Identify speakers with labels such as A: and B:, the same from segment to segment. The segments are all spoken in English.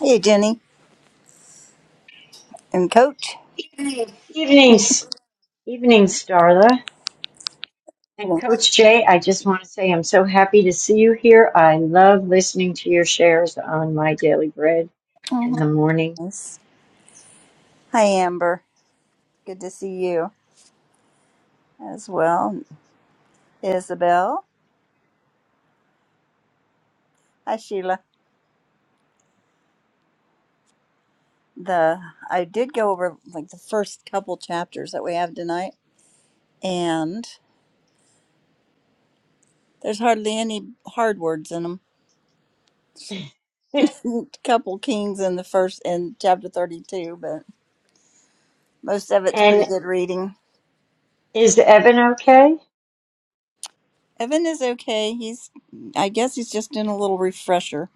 A: Hey, Jenny and Coach.
B: Evenings, evenings, Darla. And
A: Hello.
B: Coach Jay, I just want to say I'm so happy to see you here. I love listening to your shares on my daily bread in
A: Mhm.
B: the morning.
A: Yes. Hi, Amber. Good to see you as well. Isabel. Hi, Sheila. The I did go over like the first couple chapters that we have tonight, and there's hardly any hard words in them. couple kings in the first in chapter 32, but most of it's pretty
B: and
A: good reading.
B: is Evan okay?
A: Evan is okay. He's I guess he's just in a little refresher,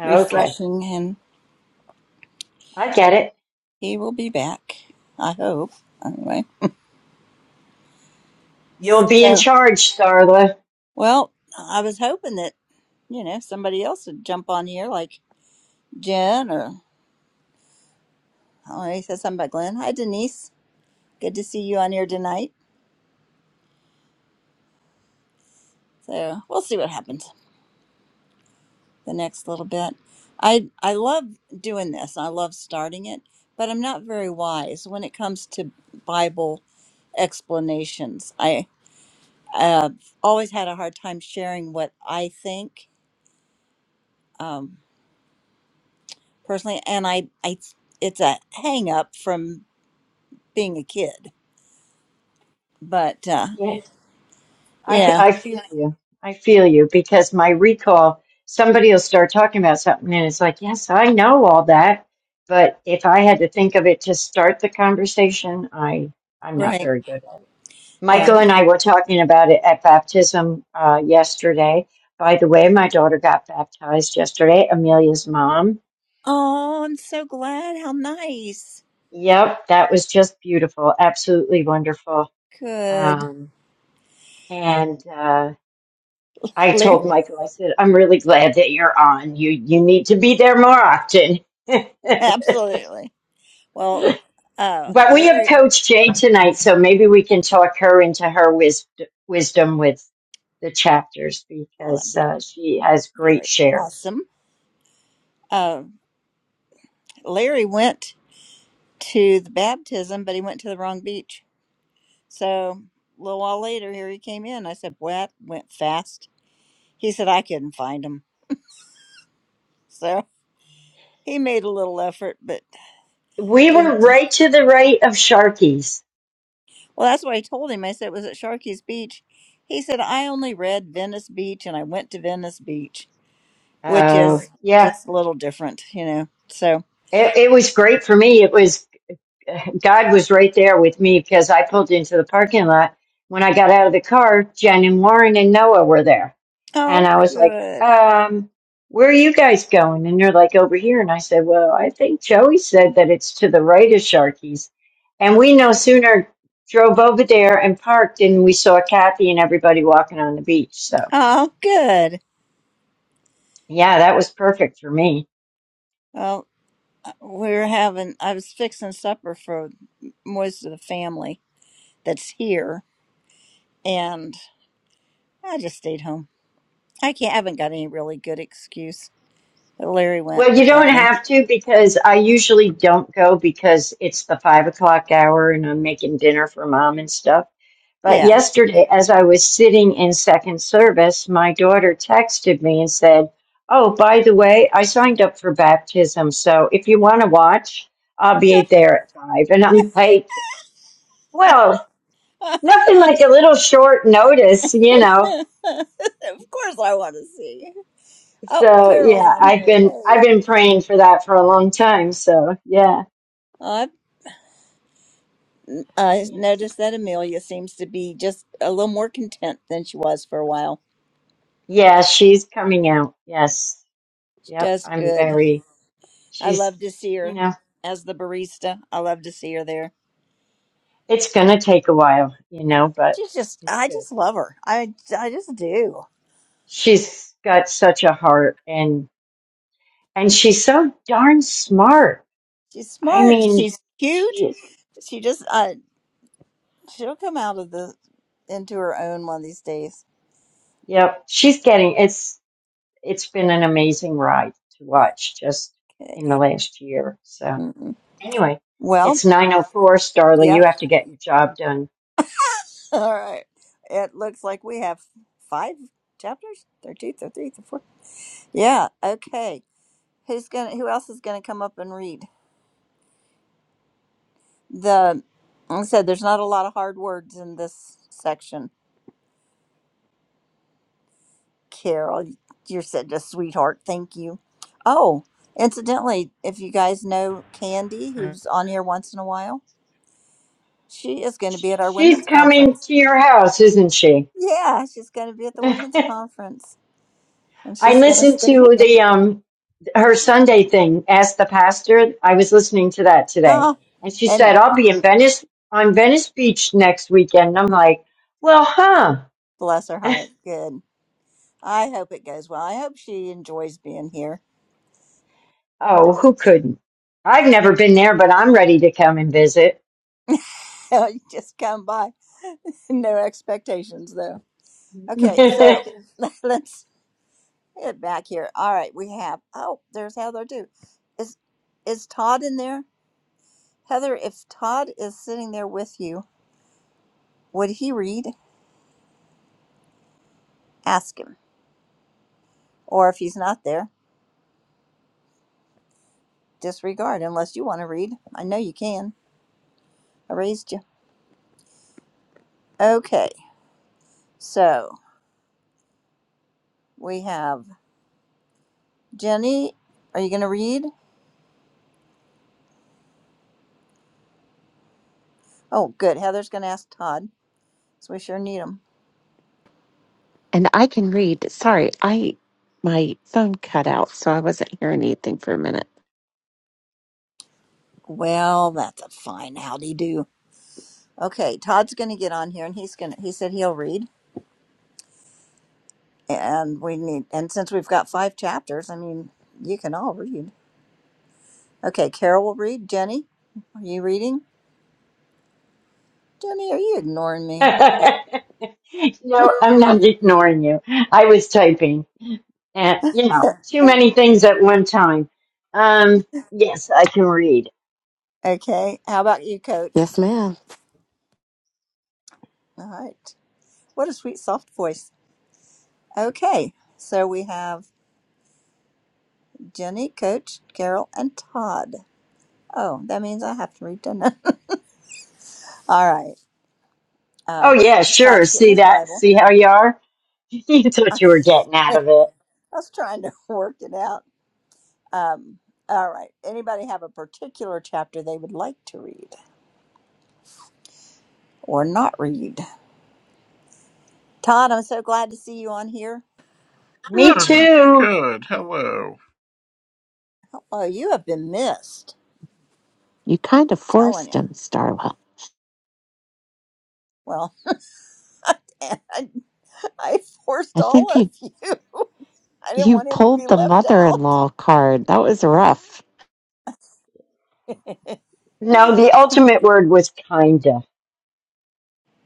B: Okay,
A: refreshing him
B: I get it.
A: He will be back, I hope. Anyway,
B: You'll be in
A: so
B: charge, Darla.
A: well, I was hoping that you know somebody else would jump on here, like Jen or oh, he said something about Glenn. Hi, Denise. Good to see you on here tonight. So we'll see what happens the next little bit. I I love doing this. I love starting it, but I'm not very wise when it comes to Bible explanations. I uh, always had a hard time sharing what I think. Um, personally, and I, I it's a hang up from being a kid. But uh,
B: I I
A: yeah,
B: feel you. I feel you because my recall, somebody will start talking about something and it's like, yes, I know all that. But if I had to think of it to start the conversation, I, I'm not
A: right,
B: very good at it.
A: yeah.
B: Michael and I were talking about it at baptism uh, yesterday. By the way, my daughter got baptized yesterday, Amelia's mom.
A: Oh, I'm so glad. How nice.
B: Yep, that was just beautiful. Absolutely wonderful.
A: Good,
B: Um, and, uh, I
A: Larry.
B: told Michael, I said, I'm really glad that you're on. You you need to be there more often. but
A: Absolutely. Well, uh,
B: we have
A: Larry.
B: Coach Jay tonight, so maybe we can talk her into her wis- wisdom with the chapters
A: Oh, that'd
B: because
A: be
B: uh, she has great
A: very
B: shares.
A: awesome. Uh, Larry went to the baptism, but he went to the wrong beach. So a little while later, here he came in. I said, "Well, that Went fast. He said, "I couldn't find him." So he made a little effort, but
B: We were
A: Didn't
B: right to the right of Sharkies.
A: well, that's what I told him. I said it was at Sharkey's Beach. He said I only read Venice Beach and I went to Venice Beach, which
B: Oh,
A: is
B: yeah.
A: just a little different, you know. So
B: It, it was great for me. It was God was right there with me because I pulled into the parking lot. When I got out of the car, Jen and Warren and Noah were there. And
A: oh
B: I was like,
A: good,
B: um, where are you guys going? And they're like, over here. And I said, well, I think Joey said that it's to the right of Sharky's. And we no sooner drove over there and parked and we saw Kathy and everybody walking on the beach. So,
A: oh good.
B: yeah, that was perfect for me.
A: Well, uh, we're having. I was fixing supper for most of the family that's here, and I just stayed home. I can't. I haven't got any really good excuse. Larry went
B: Well, you don't
A: without me.
B: have to because I usually don't go because it's the five o'clock hour and I'm making dinner for mom and stuff. But
A: Yeah.
B: yesterday, as I was sitting in second service, my daughter texted me and said, Oh, by the way, I signed up for baptism. So if you want to watch, I'll be there at five." And I'm like, Well,
A: of
B: nothing like a little short notice, you know.
A: course, I want to see. Oh,
B: So
A: Carol's
B: yeah,
A: on here.
B: I've been I've
A: Yay.
B: been praying for that for a long time. So yeah.
A: I've uh,
B: Yes.
A: noticed that Amelia seems to be just a little more content than she was for a while.
B: Yeah, she's coming out. Yes.
A: She
B: Yep.
A: does
B: I'm
A: good.
B: very,
A: I
B: she's,
A: love to see
B: you
A: her
B: know,
A: as the barista. I love to see her there.
B: it's going to take a while, you know, but
A: She's just,
B: it's
A: I
B: good.
A: just love her. I, I just do.
B: She's got such a heart and, and she's so darn smart.
A: She's
B: I
A: smart.
B: mean,
A: She's
B: she
A: cute.
B: is.
A: She just, uh, she'll come out of the, into her own one of these days.
B: Yep. She's getting, it's, it's been an amazing ride to watch just
A: Okay.
B: in the last year. So
A: Mm-mm.
B: anyway,
A: Well,
B: it's 904, Starla.
A: yep.
B: You have to get your job done.
A: All right. It looks like we have five chapters 13, 13, 14. Yeah. Okay. Who's gonna? Who else is gonna come up and read? The like I said there's not a lot of hard words in this section. Carol, you're such a sweetheart. Thank you. Oh, incidentally, if you guys know Candy, who's on here once in a while, she is going to be at our
B: She's
A: women's
B: coming
A: conference.
B: to your house, isn't she?
A: Yeah, she's going to be at the women's conference, and
B: I
A: she's going to
B: listened
A: stay
B: to
A: here.
B: the um her Sunday thing. Ask the pastor. I was listening to that today,
A: Oh,
B: and she
A: and
B: said, "I'll be in Venice on Venice Beach next weekend." And I'm like, "Well, huh?
A: bless her heart. Good. I hope it goes well. I hope she enjoys being here.
B: Oh, who couldn't? I've never been there, but I'm ready to come and visit."
A: you just come by. no expectations though.
B: no,
A: Okay, so let's get back here. All right, we have oh, there's Heather too. Is is Todd in there? Heather, if Todd is sitting there with you, would he read? Ask him. Or if he's not there, disregard unless you want to read. I know you can. I raised you. Okay, so we have Jenny. Are you going to read? Oh, good. Heather's going to ask Todd. So we sure need him.
C: And I can read. Sorry, I my phone cut out, so I wasn't hearing anything for a minute.
A: Well, that's a fine howdy do. Okay, Todd's going to get on here, and he's going. to He said he'll read, and we need. And since we've got five chapters, I mean, you can all read. Okay, Carol will read. Jenny, are you reading? Jenny, are you ignoring me?
B: I'm not ignoring you. I was typing, and you know, too many things at one time. Um, yes, I can read.
A: okay, how about you, Coach?
D: Yes, ma'am.
A: All right. What a sweet, soft voice. Okay, so we have Jenny, Coach, Carol, and Todd. Oh, that means I have to read dinner. all right.
B: Oh
A: Um,
B: yeah, sure.
A: Todd's getting
B: See
A: his
B: that?
A: Bible.
B: See how you are? That's
A: I
B: what you were getting out of it.
A: was trying to work it out. Um, all right. Anybody have a particular chapter they would like to read or not read? Todd, I'm so glad to see you on here.
B: Me
E: Good.
B: too.
E: Good. Hello.
A: Oh, you have been missed.
C: You kind of
A: Telling
C: forced
A: you.
C: him, Starla.
A: Well, I, I forced
C: I
A: all
C: think
A: of
C: you
A: you. I didn't
C: you
A: want him to
C: pulled
A: be
C: the
A: left out.
C: mother-in-law card. That was rough.
B: No, the ultimate word was kinda.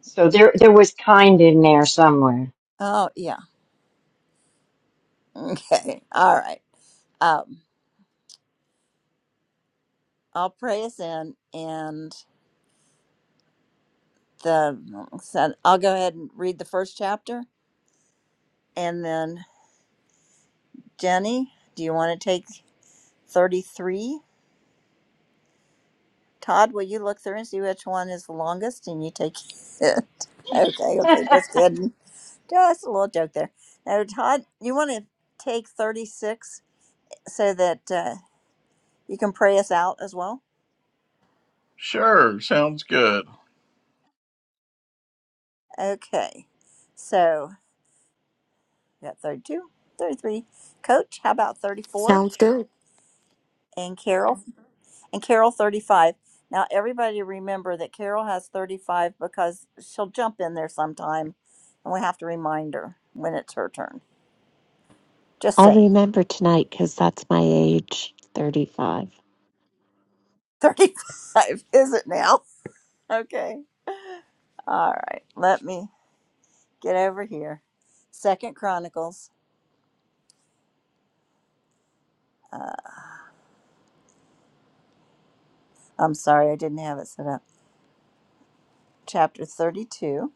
B: So there, there was kind in there somewhere.
A: oh yeah. Okay. All right. Um, I'll pray us in, and the so I'll go ahead and read the first chapter, and then Jenny, do you want to take thirty three? Todd, will you look through and see which one is the longest and you take it? okay,
B: and
A: okay, just kidding. Just a little joke there. Now, Todd, you want to take 36 so that uh, you can pray us out as well?
E: Sure. Sounds good.
A: Okay, so we got 32, 33. Coach, how about 34?
D: Sounds good.
A: And Carol? And Carol, 35. Now, everybody remember that Carol has 35 because she'll jump in there sometime and we have to remind her when it's her turn. Just
C: I'll
A: saying.
C: remember tonight because that's my age, thirty-five.
A: 35, is it now? Okay. All right. Let me get over here. Second Chronicles. Uh, I'm sorry, I didn't have it set up. Chapter 32.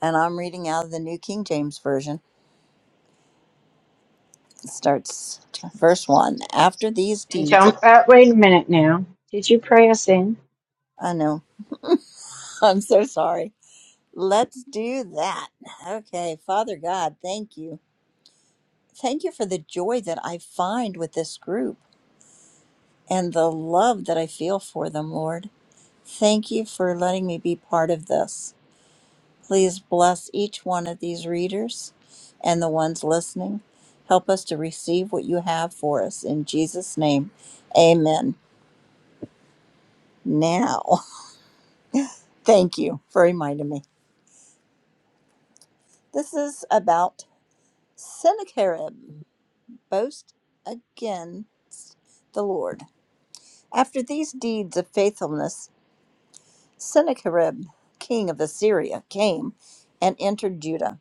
A: And I'm reading out of the New King James Version. It starts verse 1. After these deeds,
B: don't. Uh, wait a minute now. Did you pray us in?
A: I know. I'm so sorry. Let's do that. Okay. Father God, thank you. Thank you for the joy that I find with this group and the love that I feel for them, Lord. Thank you for letting me be part of this. Please bless each one of these readers and the ones listening. Help us to receive what you have for us. In Jesus' name, amen. Now, thank you for reminding me. This is about Sennacherib. Boast again the Lord. After these deeds of faithfulness, Sennacherib, king of Assyria, came and entered Judah.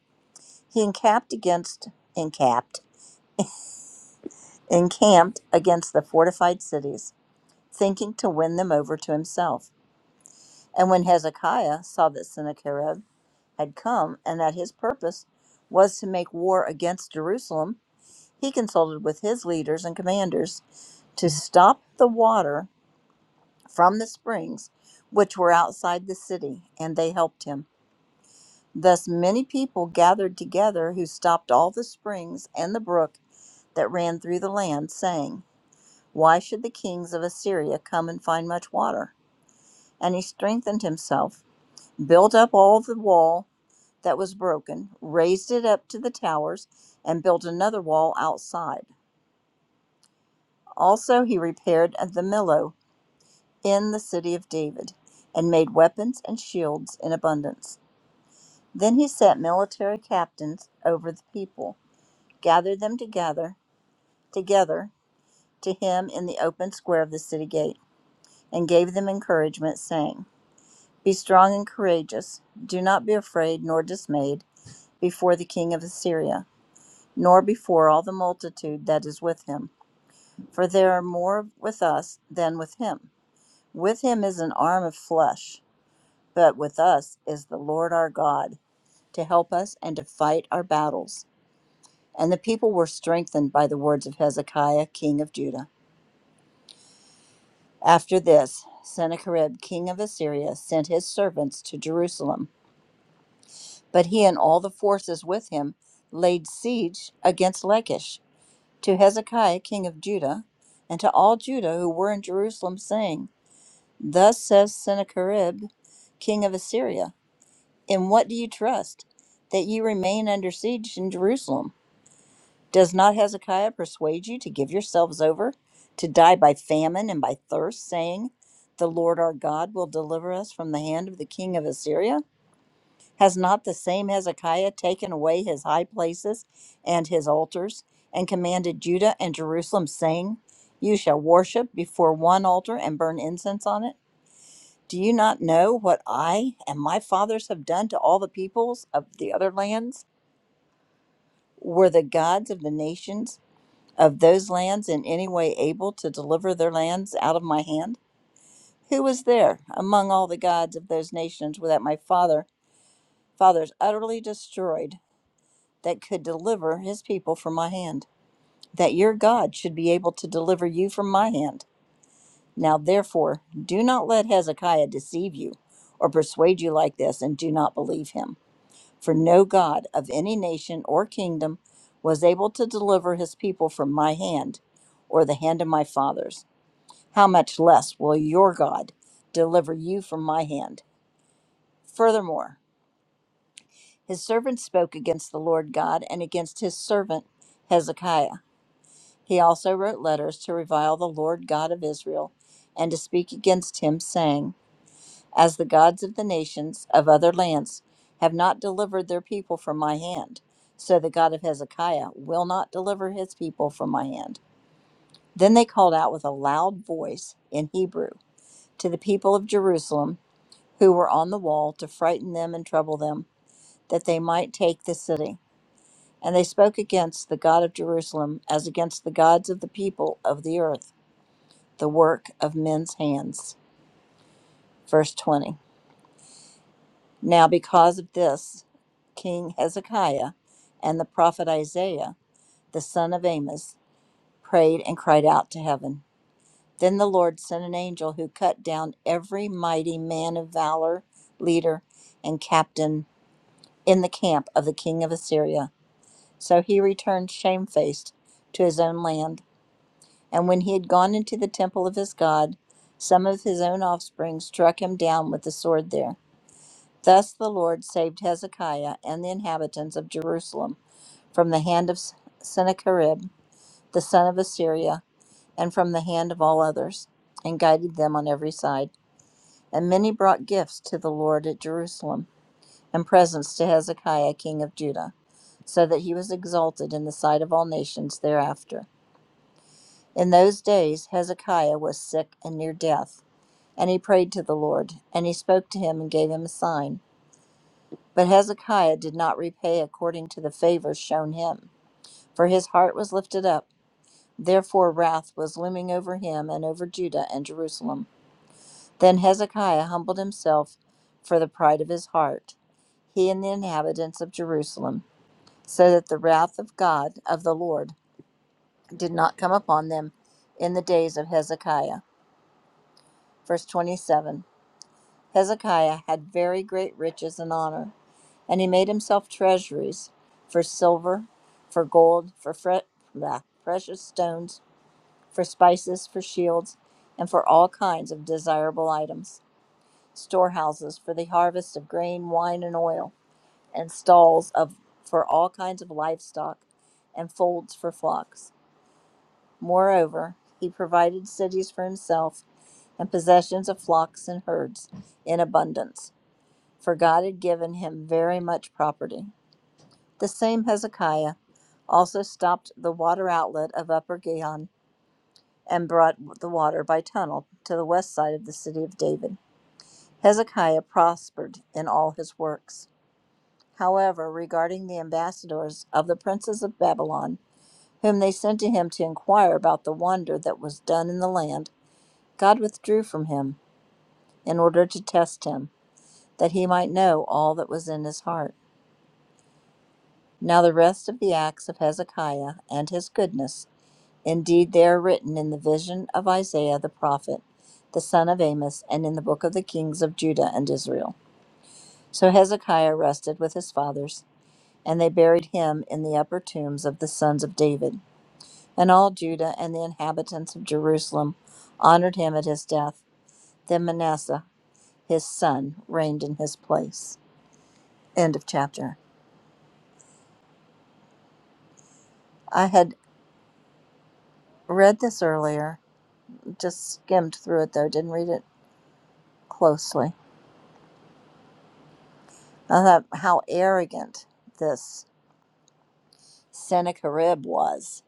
A: He encamped against encamped encamped against the fortified cities, thinking to win them over to himself. And when Hezekiah saw that Sennacherib had come and that his purpose was to make war against Jerusalem, he consulted with his leaders and commanders to stop the water from the springs which were outside the city, and they helped him. Thus many people gathered together who stopped all the springs and the brook that ran through the land, saying, Why should the kings of Assyria come and find much water? And he strengthened himself, built up all the wall that was broken, raised it up to the towers, and built another wall outside. Also, he repaired the millow in the city of David, and made weapons and shields in abundance. Then he set military captains over the people, gathered them together, together to him in the open square of the city gate, and gave them encouragement, saying, Be strong and courageous. Do not be afraid nor dismayed before the king of Assyria, nor before all the multitude that is with him, for there are more with us than with him. With him is an arm of flesh, but with us is the Lord our God to help us and to fight our battles. And the people were strengthened by the words of Hezekiah, king of Judah. After this, Sennacherib, king of Assyria, sent his servants to Jerusalem But he and all the forces with him laid siege against Lachish to Hezekiah king of Judah, and to all Judah who were in Jerusalem, saying, Thus says Sennacherib king of Assyria, In what do you trust? That ye remain under siege in Jerusalem? Does not Hezekiah persuade you to give yourselves over to die by famine and by thirst, saying, The Lord our God will deliver us from the hand of the king of Assyria? Has not the same Hezekiah taken away his high places and his altars, and commanded Judah and Jerusalem, saying, You shall worship before one altar and burn incense on it? Do you not know what I and my fathers have done to all the peoples of the other lands? Were the gods of the nations of those lands in any way able to deliver their lands out of my hand? Who was there among all the gods of those nations that my father fathers utterly destroyed? that could deliver his people from my hand, that your God should be able to deliver you from my hand. Now, therefore, do not let Hezekiah deceive you or persuade you like this, and do not believe him. For no God of any nation or kingdom was able to deliver his people from my hand or the hand of my fathers. How much less will your God deliver you from my hand? Furthermore, his servant spoke against the Lord God and against his servant Hezekiah. He also wrote letters to revile the Lord God of Israel and to speak against him, saying, As the gods of the nations of other lands have not delivered their people from my hand, so the God of Hezekiah will not deliver his people from my hand. Then they called out with a loud voice in Hebrew to the people of Jerusalem who were on the wall to frighten them and trouble them, that they might take the city. And they spoke against the God of Jerusalem as against the gods of the people of the earth. the work of men's hands. Verse 20. Now, because of this, King Hezekiah and the prophet Isaiah, the son of Amos, prayed and cried out to heaven. Then the Lord sent an angel who cut down every mighty man of valor, leader, and captain in the camp of the king of Assyria. So he returned shamefaced to his own land. And when he had gone into the temple of his God, some of his own offspring struck him down with the sword there. Thus the Lord saved Hezekiah and the inhabitants of Jerusalem from the hand of Sennacherib, the son of Assyria, and from the hand of all others, and guided them on every side. And many brought gifts to the Lord at Jerusalem, and presents to Hezekiah king of Judah, so that he was exalted in the sight of all nations thereafter. In those days Hezekiah was sick and near death, and he prayed to the Lord, and he spoke to him and gave him a sign. But Hezekiah did not repay according to the favor shown him, for his heart was lifted up. Therefore wrath was looming over him and over Judah and Jerusalem. Then Hezekiah humbled himself for the pride of his heart, he and the inhabitants of Jerusalem, so that the wrath of God, of the Lord, did not come upon them in the days of Hezekiah. Verse 27 Hezekiah had very great riches and honor. And he made himself treasuries for silver, for gold, for fre- blah, precious stones, for spices, for shields, and for all kinds of desirable items, storehouses for the harvest of grain, wine, and oil, and stalls of for all kinds of livestock, and folds for flocks. Moreover, he provided cities for himself, and possessions of flocks and herds in abundance, for God had given him very much property. The same Hezekiah also stopped the water outlet of Upper Gihon and brought the water by tunnel to the west side of the city of David. Hezekiah prospered in all his works. However, regarding the ambassadors of the princes of Babylon, whom they sent to him to inquire about the wonder that was done in the land, God withdrew from him in order to test him, that he might know all that was in his heart. Now, the rest of the acts of Hezekiah and his goodness Indeed, they are written in the vision of Isaiah the prophet, the son of Amos, and in the book of the kings of Judah and Israel. So Hezekiah rested with his fathers, and they buried him in the upper tombs of the sons of David. And all Judah and the inhabitants of Jerusalem honored him at his death. Then Manasseh, his son, reigned in his place. End of chapter. I had read this earlier, just skimmed through it though, didn't read it closely. I thought how arrogant this Sennacherib was,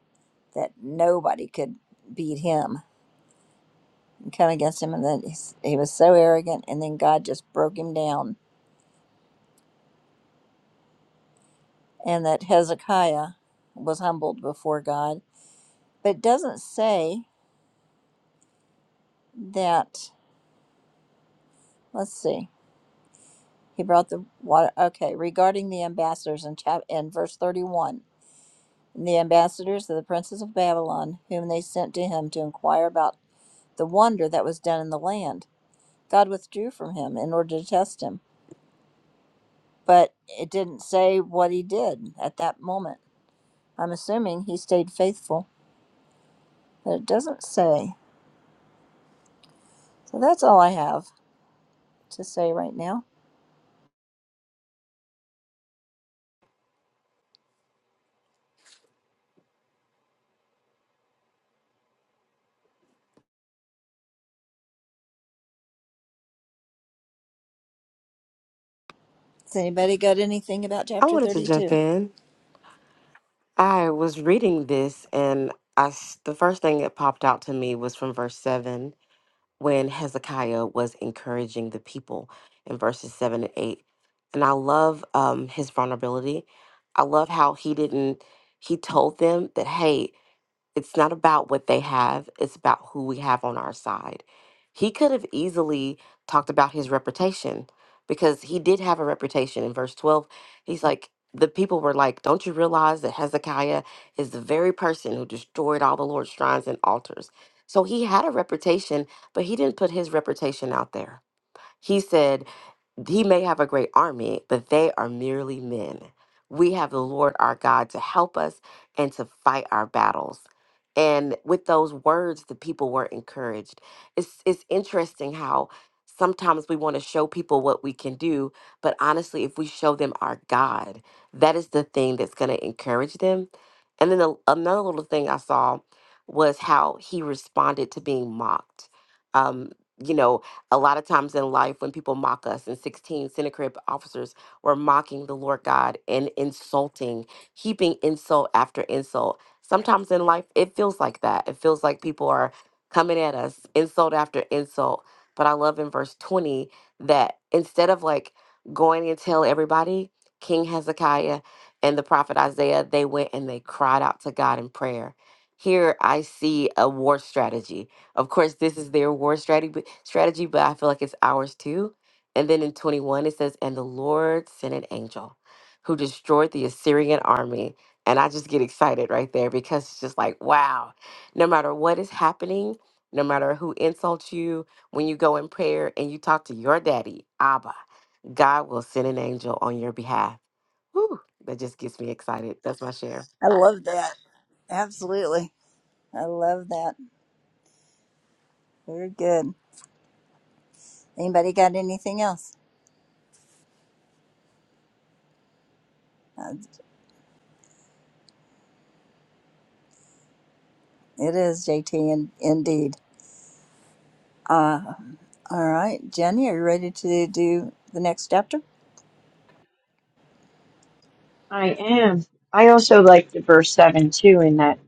A: that nobody could beat him and come against him. And then he's- he was so arrogant, and then God just broke him down, and that Hezekiah was humbled before God. But it doesn't say that, let's see, he brought the water. Okay, regarding the ambassadors in, chap, in verse 31, and the ambassadors of the princes of Babylon, whom they sent to him to inquire about the wonder that was done in the land, God withdrew from him in order to test him but it didn't say what he did at that moment. I'm assuming he stayed faithful, but it doesn't say. So that's all I have to say right now. Has anybody got anything about
D: I
A: chapter
D: wanted to jump
A: 32?
D: in. I was reading this, and I s- the first thing that popped out to me was from verse seven when Hezekiah was encouraging the people in verses seven and eight. And I love um, his vulnerability. I love how he didn't. He told them that, "Hey, It's not about what they have, it's about who we have on our side. He could have easily talked about his reputation because he did have a reputation. In verse 12, he's like, the people were like, Don't you realize that Hezekiah is the very person who destroyed all the Lord's shrines and altars? So he had a reputation, but he didn't put his reputation out there. He said, he may have a great army, but they are merely men. We have the Lord our God to help us and to fight our battles. And with those words, the people were encouraged. It's it's interesting how sometimes we want to show people what we can do, but honestly, if we show them our God, that is the thing that's going to encourage them. And then a, another little thing I saw was how he responded to being mocked. Um, you know, a lot of times in life, when people mock us, in 16, Sennacherib officers were mocking the Lord God and insulting, heaping insult after insult. Sometimes in life, it feels like that. It feels like people are coming at us, insult after insult. But I love in verse 20 that instead of like going and tell everybody, King Hezekiah and the prophet Isaiah, they went and they cried out to God in prayer. Here I see a war strategy. Of course, this is their war strategy, strategy, but I feel like it's ours too. And then in 21, it says, And the Lord sent an angel who destroyed the Assyrian army. And I just get excited right there because it's just like, wow, no matter what is happening, no matter who insults you, when you go in prayer and you talk to your daddy, Abba, God will send an angel on your behalf. Whew, that just gets me excited. That's my share.
A: I love that. Absolutely. I love that. Very good. Anybody got anything else? Uh, it is JT and indeed. Uh, all right, Jenny, are you ready to do the next chapter?
B: I am. I also liked the verse seven too in that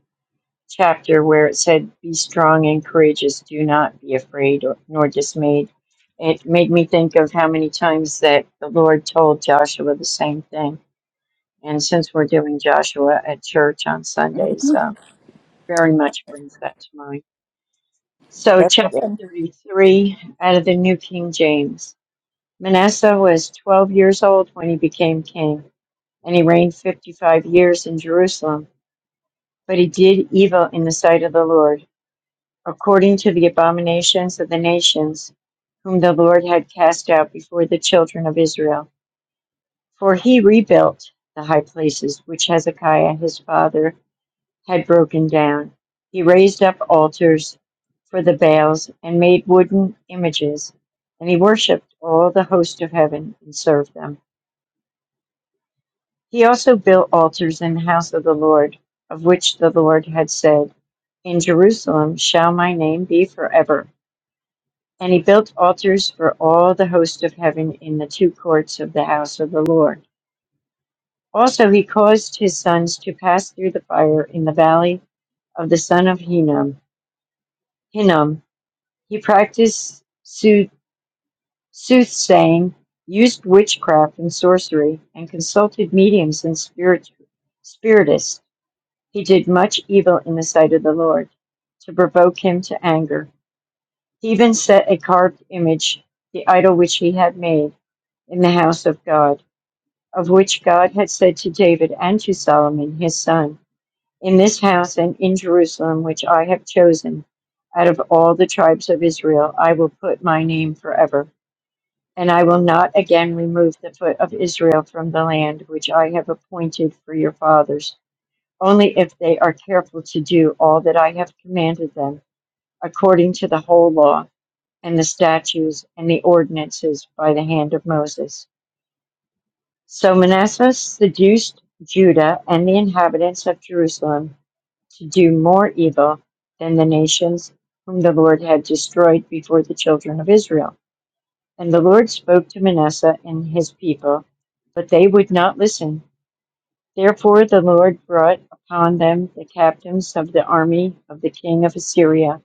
B: chapter where it said, "Be strong and courageous. Do not be afraid or, nor dismayed." It made me think of how many times that the Lord told Joshua the same thing And since we're doing Joshua at church on Sundays, uh, very much brings that to mind. So,
A: That's
B: chapter
A: good.
B: 33 out of the New King James. Manasseh was 12 years old when he became king, and he reigned 55 years in Jerusalem. But he did evil in the sight of the Lord, according to the abominations of the nations whom the Lord had cast out before the children of Israel. For he rebuilt the high places which Hezekiah his father had broken down, he raised up altars for the Baals and made wooden images, and he worshipped all the host of heaven and served them. He also built altars in the house of the Lord, of which the Lord had said, In Jerusalem shall my name be forever. And he built altars for all the host of heaven in the two courts of the house of the Lord. Also, he caused his sons to pass through the fire in the valley of the son of Hinnom, Hinnom, He practiced sooth- soothsaying, used witchcraft and sorcery, and consulted mediums and spirit- spiritists. He did much evil in the sight of the Lord to provoke him to anger. He even set a carved image, the idol which he had made, in the house of God, of which God had said to David and to Solomon his son, In this house and in Jerusalem which I have chosen, out of all the tribes of Israel, I will put my name forever. And I will not again remove the foot of Israel from the land which I have appointed for your fathers, only if they are careful to do all that I have commanded them, according to the whole law, and the statutes and the ordinances by the hand of Moses. So Manasseh seduced Judah and the inhabitants of Jerusalem to do more evil than the nations whom the Lord had destroyed before the children of Israel. And the Lord spoke to Manasseh and his people, but they would not listen. Therefore the Lord brought upon them the captains of the army of the king of Assyria,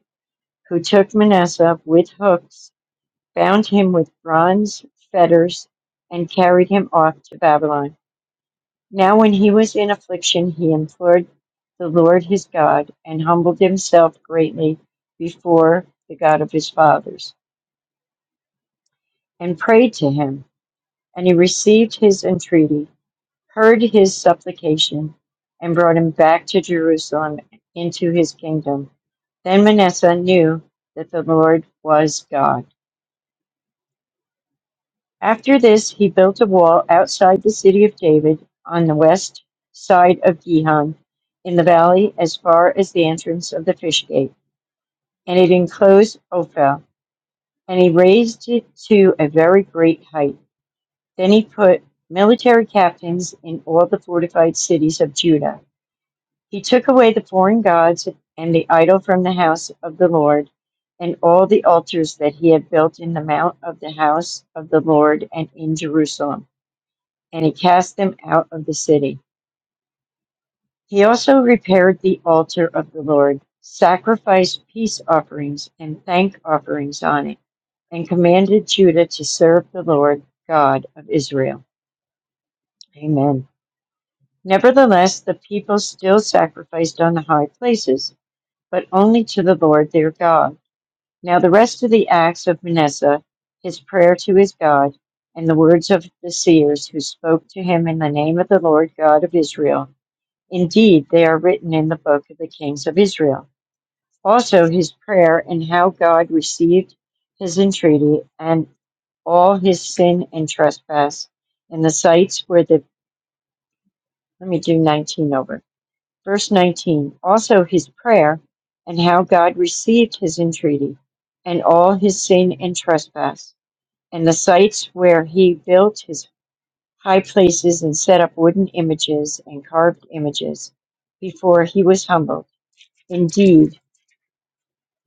B: who took Manasseh with hooks, bound him with bronze fetters, and carried him off to Babylon. Now when he was in affliction, he implored the Lord his God, and humbled himself greatly before the God of his fathers, and prayed to him, and he received his entreaty heard his supplication and brought him back to Jerusalem into his kingdom. Then Manasseh knew that the Lord was God. After this, he built a wall outside the city of David on the west side of Gihon in the valley as far as the entrance of the fish gate, and it enclosed Ophel, and he raised it to a very great height. Then he put military captains in all the fortified cities of Judah He took away the foreign gods and the idol from the house of the Lord, and all the altars that he had built in the mount of the house of the Lord and in Jerusalem, and he cast them out of the city. He also repaired the altar of the Lord, sacrificed peace offerings and thank offerings on it, and commanded Judah to serve the Lord God of Israel. Amen. Nevertheless, the people still sacrificed on the high places, but only to the Lord their God. Now the rest of the acts of Manasseh, his prayer to his God, and the words of the seers who spoke to him in the name of the Lord God of Israel, indeed they are written in the book of the kings of Israel. Also his prayer and how God received his entreaty and all his sin and trespass in the sites where the let me do 19 over. Verse 19. Also his prayer and how God received his entreaty and all his sin and trespass and the sites where he built his high places and set up wooden images and carved images before he was humbled. Indeed,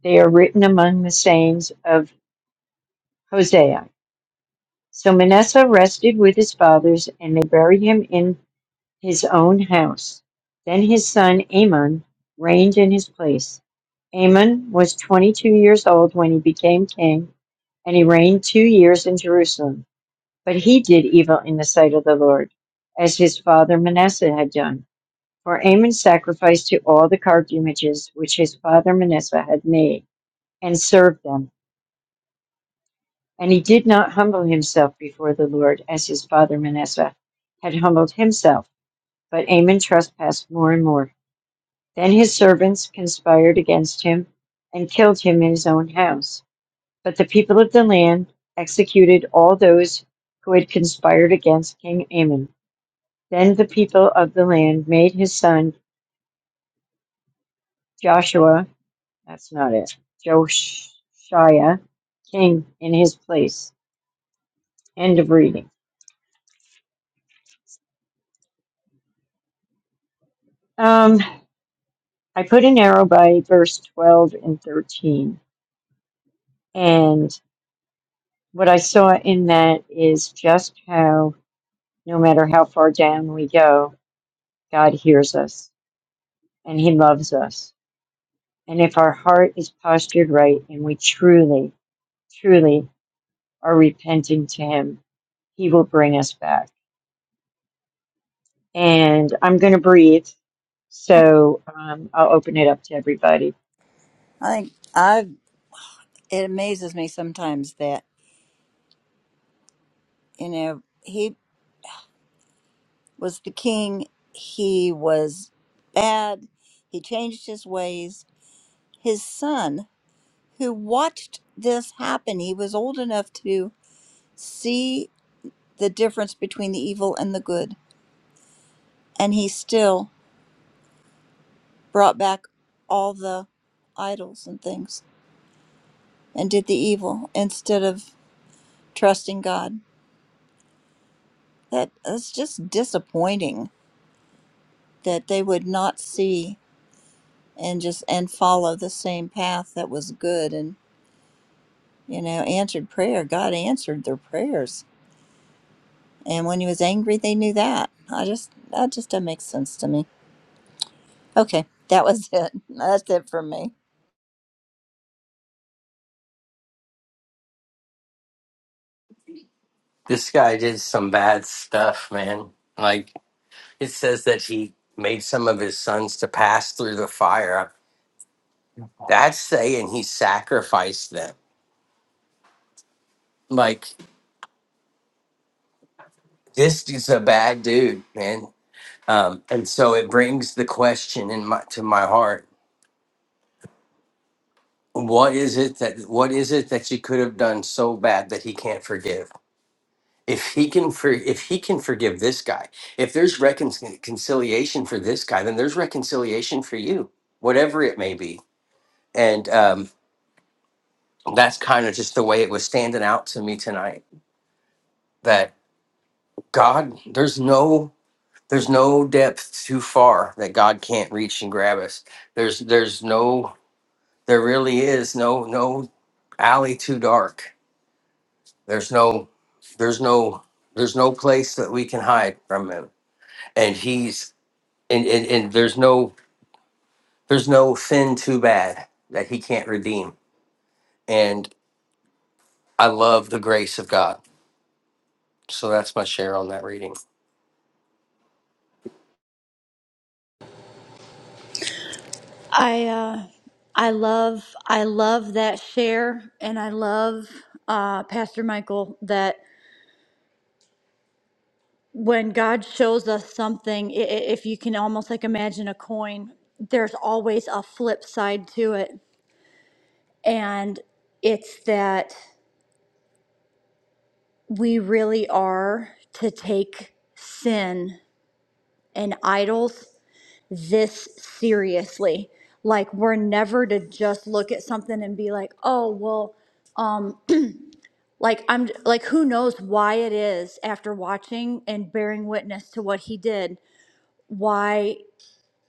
B: they are written among the sayings of Hosea. So Manasseh rested with his fathers, and they buried him in his own house. Then his son Amon reigned in his place. Amon was 22 years old when he became king, and he reigned two years in Jerusalem. But he did evil in the sight of the Lord, as his father Manasseh had done. For Amon sacrificed to all the carved images which his father Manasseh had made, and served them. And he did not humble himself before the Lord, as his father Manasseh had humbled himself. But Amon trespassed more and more. Then his servants conspired against him and killed him in his own house. But the people of the land executed all those who had conspired against King Amon. Then the people of the land made his son Joshua, that's not it, Josiah, king in his place. End of reading. Um, I put an arrow by verse 12 and 13. And what I saw in that is just how, no matter how far down we go, God hears us and he loves us. And if our heart is postured right and we truly, truly are repenting to him, he will bring us back and I'm going to breathe. So um, I'll open it up to everybody.
A: I think I it amazes me sometimes that. you know, he was the king. He was bad. He changed his ways. His son, who watched this happen, he was old enough to see the difference between the evil and the good. And he still brought back all the idols and things and did the evil instead of trusting God. That that's just disappointing that they would not see and just and follow the same path that was good and. you know, answered prayer. God answered their prayers. And when he was angry, they knew that. I just, that just doesn't make sense to me. Okay, that was it. That's it for me.
F: This guy did some bad stuff, man. Like it says that he made some of his sons to pass through the fire. That's saying he sacrificed them. Like this is a bad dude, man. Um, and so it brings the question in my to my heart. What is it that what is it that you could have done so bad that he can't forgive? If he can for, if he can forgive this guy, if there's recon- reconciliation for this guy, then there's reconciliation for you, whatever it may be and um, that's kind of just the way it was standing out to me tonight that god there's no there's no depth too far that god can't reach and grab us there's there's no there really is no no alley too dark there's no there's no there's no place that we can hide from him and he's and and, and there's no there's no sin too bad that he can't redeem and i love the grace of god so that's my share on that reading
G: I uh, I love I love that share, and I love uh, Pastor Michael that when God shows us something, i- i- if you can almost like imagine a coin, there's always a flip side to it, and it's that we really are to take sin and idols this seriously. Like we're never to just look at something and be like, oh well um, like i'm like who knows why it is after watching and bearing witness to what he did why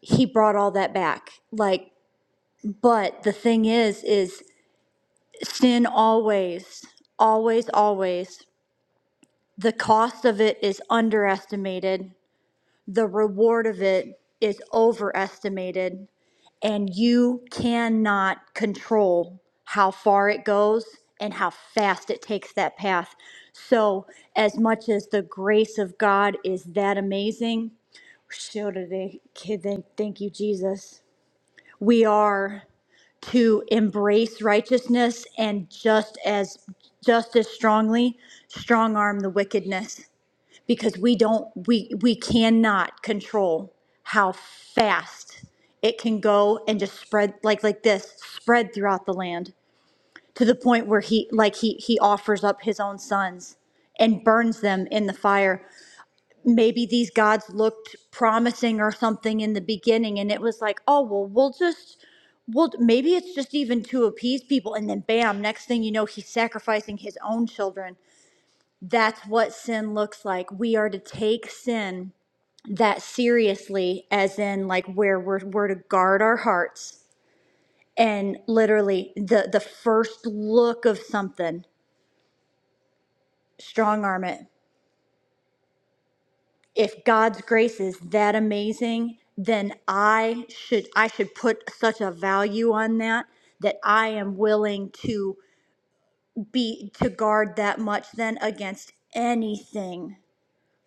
G: he brought all that back like but the thing is is sin always always always the cost of it is underestimated the reward of it is overestimated and you cannot control how far it goes and how fast it takes that path. So, as much as the grace of God is that amazing, so do kid, thank you, Jesus. We are to embrace righteousness and just as just as strongly strong arm the wickedness because we don't we we cannot control how fast it can go and just spread like like this spread throughout the land to the point where he like he he offers up his own sons and burns them in the fire maybe these gods looked promising or something in the beginning and it was like oh well we'll just well maybe it's just even to appease people and then bam next thing you know he's sacrificing his own children that's what sin looks like we are to take sin that seriously as in like where we're, we're to guard our hearts and literally the the first look of something strong arm it if god's grace is that amazing then i should i should put such a value on that that i am willing to be to guard that much then against anything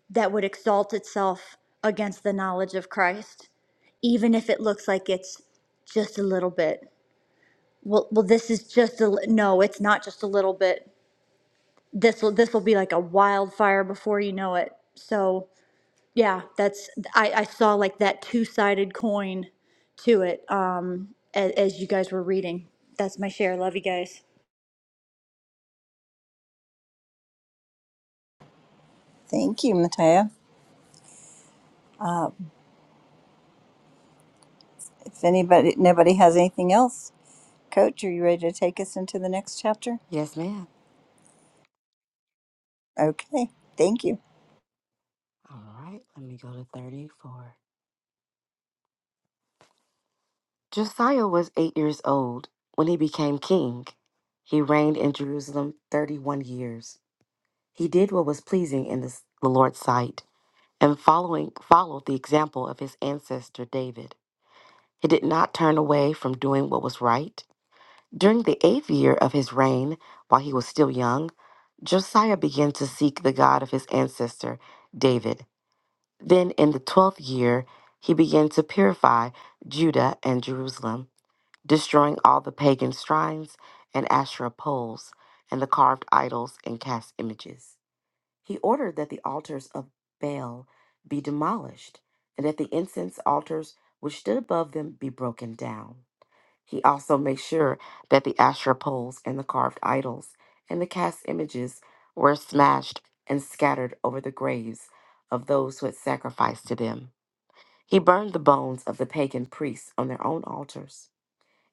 G: that would exalt itself against the knowledge of christ even if it looks like it's just a little bit Well, well, this is just a, li- no, it's not just a little bit. This will, this will be like a wildfire before you know it. So yeah, that's, I, I saw like that two-sided coin to it, um, as, as you guys were reading. That's my share. Love you guys.
A: Thank you, Matea. Uh, if anybody, nobody has anything else, Coach, are you ready to take us into the next chapter?
D: Yes, ma'am.
A: Okay, thank you.
D: All right, let me go to 34. Josiah was eight years old when he became king. He reigned in Jerusalem 31 years. He did what was pleasing in the the Lord's sight and following followed the example of his ancestor David. He did not turn away from doing what was right. During the eighth year of his reign, while he was still young, Josiah began to seek the God of his ancestor David. Then in the twelfth year, he began to purify Judah and Jerusalem destroying all the pagan shrines and Asherah poles and the carved idols and cast images. He ordered that the altars of Baal be demolished and that the incense altars which stood above them be broken down. He also made sure that the Asherah poles and the carved idols and the cast images were smashed and scattered over the graves of those who had sacrificed to them. He burned the bones of the pagan priests on their own altars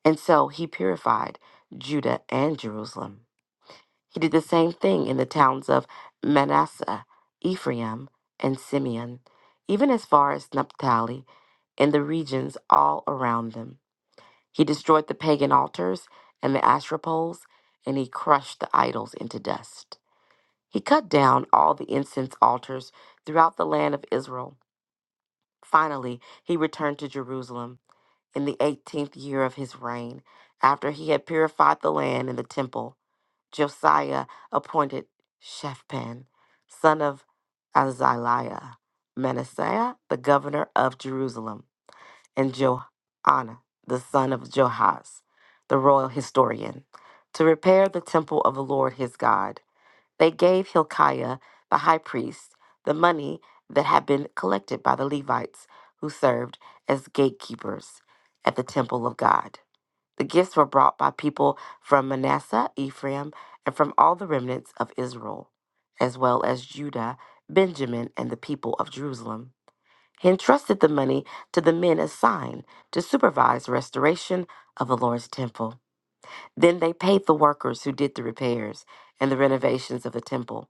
D: and so he purified Judah and Jerusalem. He did the same thing in the towns of Manasseh, Ephraim, and Simeon, even as far as Naphtali and the regions all around them. He destroyed the pagan altars and the Asherah poles, and he crushed the idols into dust. He cut down all the incense altars throughout the land of Israel. Finally, he returned to Jerusalem in the eighteenth year of his reign, after he had purified the land and the temple, Josiah appointed Shephan, son of Azaliah, Manasseh, the governor of Jerusalem, and Joanna, the son of Johaz, the royal historian, to repair the temple of the Lord his God they gave Hilkiah the high priest the money that had been collected by the Levites who served as gatekeepers at the temple of God. The gifts were brought by people from Manasseh, Ephraim, and from all the remnants of Israel, as well as Judah, Benjamin, and the people of Jerusalem. He entrusted the money to the men assigned to supervise restoration of the Lord's temple. Then they paid the workers who did the repairs and the renovations of the temple.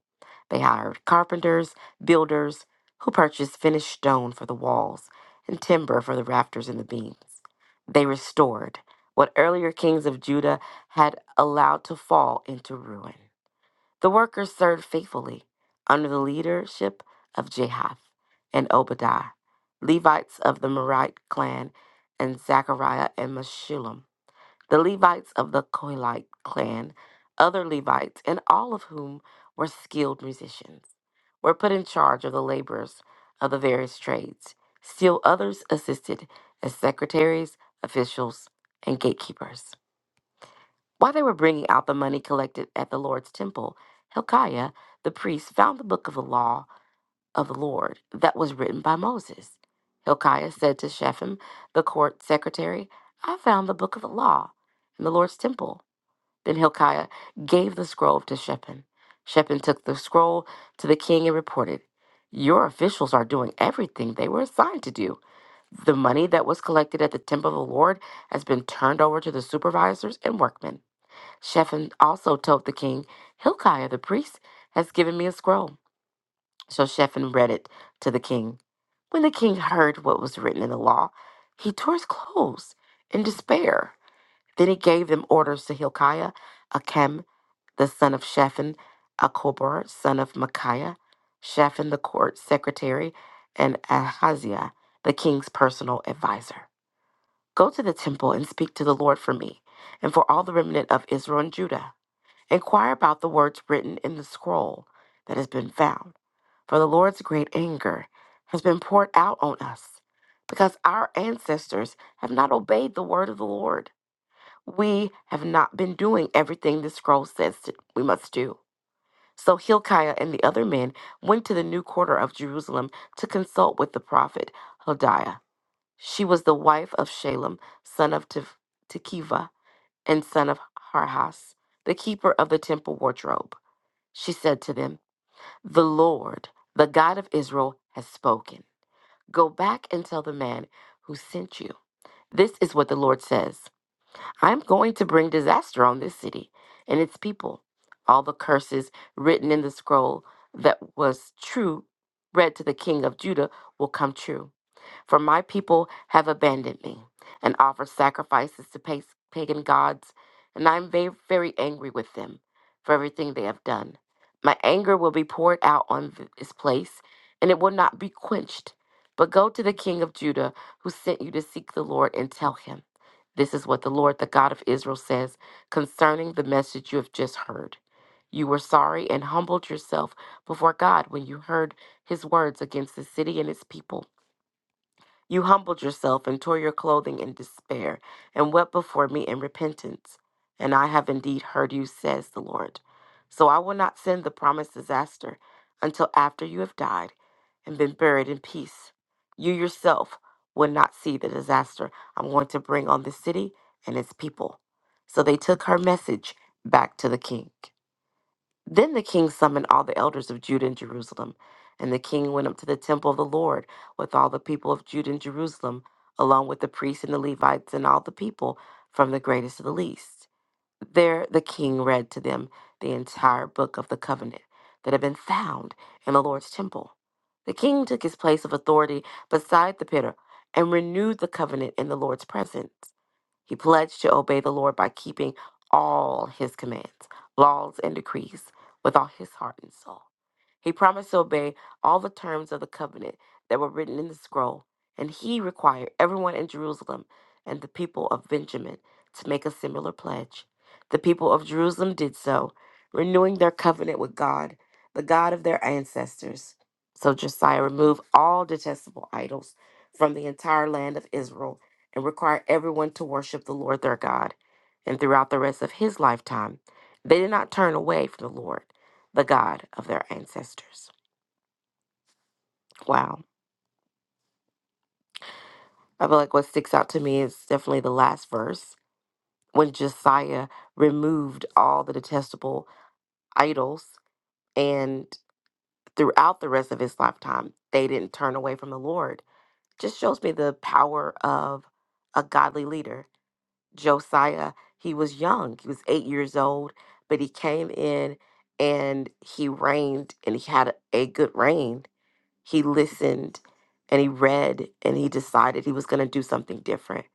D: They hired carpenters, builders, who purchased finished stone for the walls and timber for the rafters and the beams. They restored what earlier kings of Judah had allowed to fall into ruin. The workers served faithfully under the leadership of Jehath and Obadiah, Levites of the Merite clan, and Zechariah and Meshullam the Levites of the Kohelite clan, other Levites, and all of whom were skilled musicians, were put in charge of the laborers of the various trades. Still others assisted as secretaries, officials, and gatekeepers. While they were bringing out the money collected at the Lord's temple, Hilkiah the priest found the book of the law of the Lord that was written by Moses. Hilkiah said to Shaphan, the court secretary, I found the book of the law in the Lord's temple. Then Hilkiah gave the scroll to Shaphan. Shaphan took the scroll to the king and reported, Your officials are doing everything they were assigned to do. The money that was collected at the temple of the Lord has been turned over to the supervisors and workmen. Shaphan also told the king, Hilkiah the priest has given me a scroll. So Shaphan read it to the king. When the king heard what was written in the law, he tore his clothes in despair. Then he gave them orders to Hilkiah, Akim, the son of Shaphan, Akobar, son of Micaiah, Shaphan the court secretary, and Ahaziah, the king's personal advisor. Go to the temple and speak to the Lord for me, and for all the remnant of Israel and Judah. Inquire about the words written in the scroll that has been found, for the Lord's great anger has been poured out on us, because our ancestors have not obeyed the word of the Lord. We have not been doing everything the scroll says that we must do. So Hilkiah and the other men went to the new quarter of Jerusalem to consult with the prophet Hodiah. She was the wife of Shalem, son of Te- Tekiva, and son of Harhas, the keeper of the temple wardrobe. She said to them, The Lord, the God of Israel, has spoken. Go back and tell the man who sent you. This is what the Lord says. I'm going to bring disaster on this city and its people. All the curses written in the scroll that was true, read to the king of Judah, will come true. For my people have abandoned me and offer sacrifices to pa- pagan gods, and I am very, very angry with them for everything they have done. My anger will be poured out on th- this place, and it will not be quenched. But go to the king of Judah who sent you to seek the Lord and tell him, This is what the Lord, the God of Israel, says concerning the message you have just heard. You were sorry and humbled yourself before God when you heard his words against the city and its people. You humbled yourself and tore your clothing in despair and wept before me in repentance. And I have indeed heard you, says the Lord. So I will not send the promised disaster until after you have died and been buried in peace. You yourself will not see the disaster I'm going to bring on the city and its people. So they took her message back to the king. Then the king summoned all the elders of Judah and Jerusalem, and the king went up to the temple of the Lord with all the people of Judah and Jerusalem, along with the priests and the Levites and all the people, from the greatest to the least. There the king read to them the entire book of the covenant that had been found in the Lord's temple. The king took his place of authority beside the pillar and renewed the covenant in the Lord's presence. He pledged to obey the Lord by keeping all his commands, laws, and decrees with all his heart and soul. He promised to obey all the terms of the covenant that were written in the scroll, and he required everyone in Jerusalem and the people of Benjamin to make a similar pledge. The people of Jerusalem did so, renewing their covenant with God, the God of their ancestors. So Josiah removed all detestable idols from the entire land of Israel and require everyone to worship the Lord their God. And throughout the rest of his lifetime, they did not turn away from the Lord, the God of their ancestors. Wow. I feel like what sticks out to me is definitely the last verse when Josiah removed all the detestable idols, and throughout the rest of his lifetime, they didn't turn away from the Lord. Just shows me the power of a godly leader Josiah, he was young. He was eight years old, but he came in and he reigned and he had a, a good reign. He listened and he read and he decided he was going to do something different.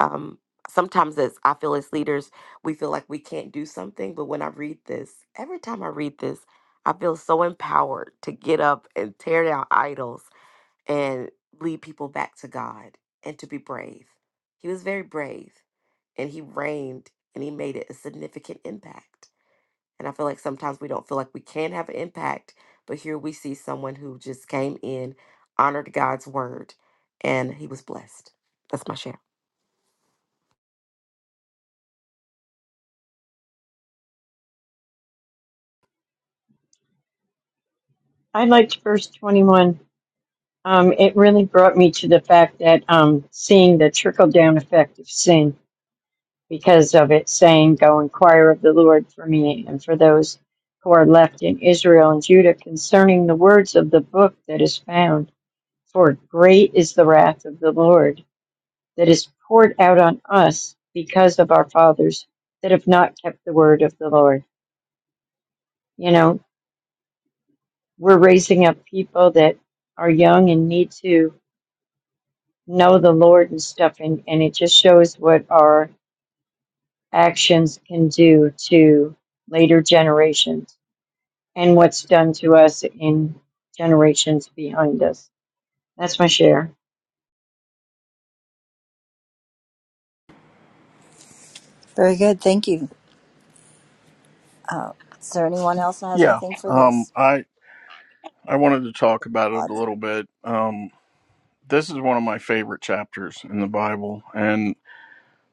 D: Um, sometimes, as I feel as leaders, we feel like we can't do something. But when I read this, every time I read this, I feel so empowered to get up and tear down idols and lead people back to God and to be brave. He was very brave and he reigned and he made it a significant impact. And I feel like sometimes we don't feel like we can have an impact, but here we see someone who just came in, honored God's word, and he was blessed. That's my share.
B: I liked verse 21. Um, it really brought me to the fact that um, seeing the trickle down effect of sin because of it saying, Go inquire of the Lord for me and for those who are left in Israel and Judah concerning the words of the book that is found. For great is the wrath of the Lord that is poured out on us because of our fathers that have not kept the word of the Lord. You know, we're raising up people that are young and need to know the Lord and stuff, and, and it just shows what our actions can do to later generations and what's done to us in generations behind us. That's my share.
A: Very good, thank you. Uh, is there anyone else that has
E: Yeah.
A: anything for
E: Um.
A: this?
E: I I wanted to talk about it
A: Todd,
E: a little bit. Um. This is one of my favorite chapters in the Bible, and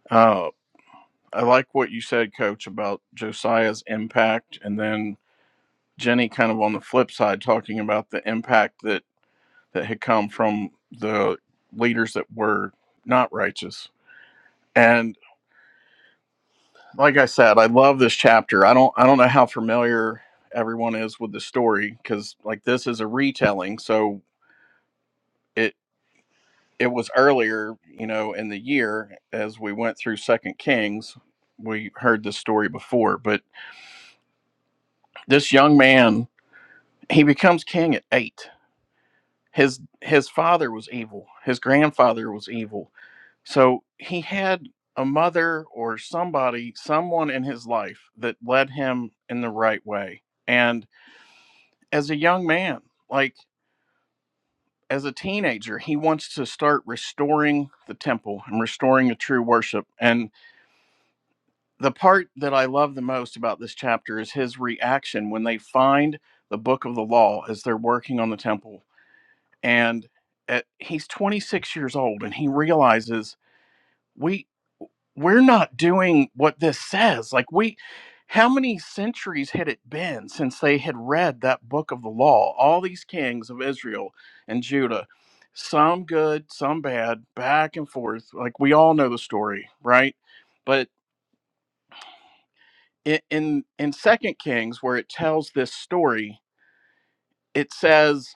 E: uh, I like what you said, Coach, about Josiah's impact, and then Jenny kind of on the flip side talking about the impact that that had come from the leaders that were not righteous. like I said, I love this chapter. I don't I don't know how familiar everyone is with the story because like this is a retelling, so it it was earlier, you know, in the year as we went through Second Kings, we heard this story before. But this young man, he becomes king at eight. His his father was evil. His grandfather was evil. So he had a mother or somebody, someone in his life that led him in the right way. And as a young man, like as a teenager, he wants to start restoring the temple and restoring a true worship. And the part that I love the most about this chapter is his reaction when they find the book of the law as they're working on the temple. And at, he's 26 years old and he realizes. we. we're not doing what this says. Like, we, how many centuries had it been since they had read that book of the law? All these kings of Israel and Judah, some good, some bad, back and forth. Like, we all know the story, right? But i- in in Second Kings, where it tells this story, it says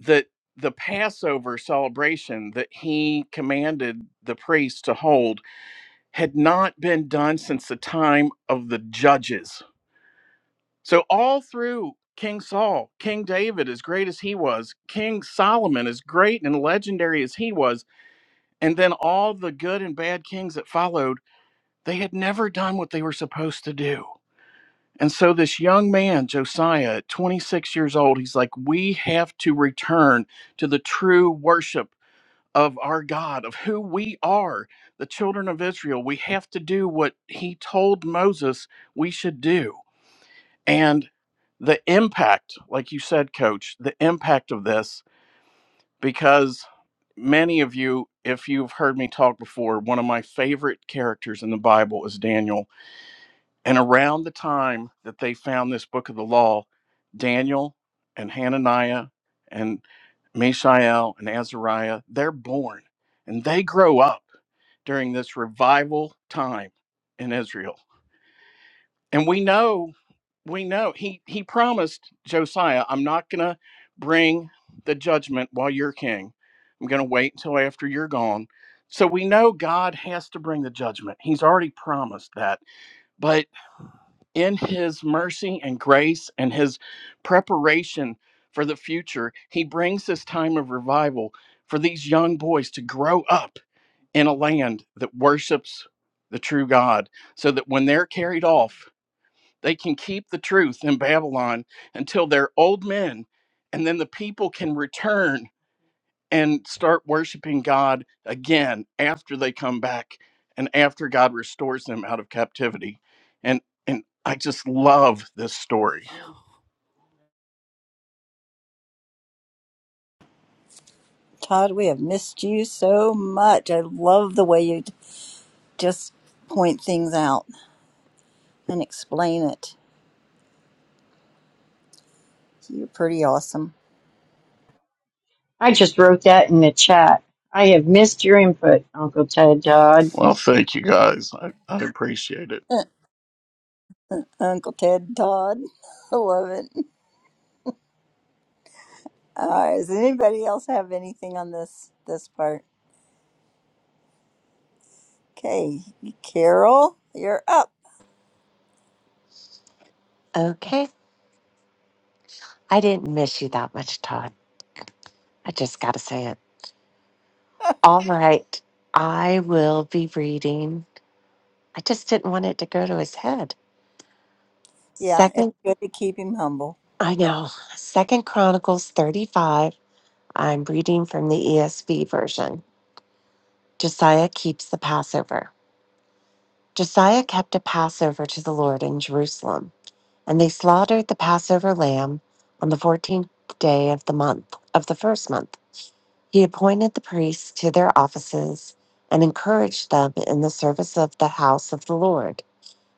E: that the Passover celebration that he commanded the priests to hold had not been done since the time of the judges. So, all through King Saul, King David, as great as he was, King Solomon, as great and legendary as he was, and then all the good and bad kings that followed, they had never done what they were supposed to do. And so, this young man, Josiah, at 26 years old, he's like, We have to return to the true worship of our God, of who we are, the children of Israel. We have to do what he told Moses we should do. And the impact, like you said, coach, the impact of this, because many of you, if you've heard me talk before, one of my favorite characters in the Bible is Daniel. And around the time that they found this book of the law, Daniel and Hananiah and Mishael and Azariah, they're born and they grow up during this revival time in Israel. And we know, we know he he promised Josiah, I'm not going to bring the judgment while you're king. I'm going to wait until after you're gone. So we know God has to bring the judgment. He's already promised that. But in his mercy and grace and his preparation for the future, he brings this time of revival for these young boys to grow up in a land that worships the true God so that when they're carried off, they can keep the truth in Babylon until they're old men, and then the people can return and start worshiping God again after they come back and after God restores them out of captivity. And and I just love this story.
A: Todd, we have missed you so much. I love the way you just point things out and explain it You're pretty awesome.
B: I just wrote that in the chat. I have missed your input, Uncle Ted Dodd.
E: Well, thank you guys. I, I appreciate it.
A: Uncle Ted Todd. I love it. Uh, does anybody else have anything on this this part? Okay, Carol, you're up.
C: Okay, I didn't miss you that much, Todd. I just got to say it. All right, I will be reading. I just didn't want it to go to his head.
A: Yeah, it's
C: Second,
A: good to keep him humble.
C: I know. Second Chronicles thirty-five. I'm reading from the ESV version. Josiah keeps the Passover. Josiah kept a Passover to the Lord in Jerusalem, and they slaughtered the Passover lamb on the 14th day of the month, of the first month. He appointed the priests to their offices and encouraged them in the service of the house of the Lord.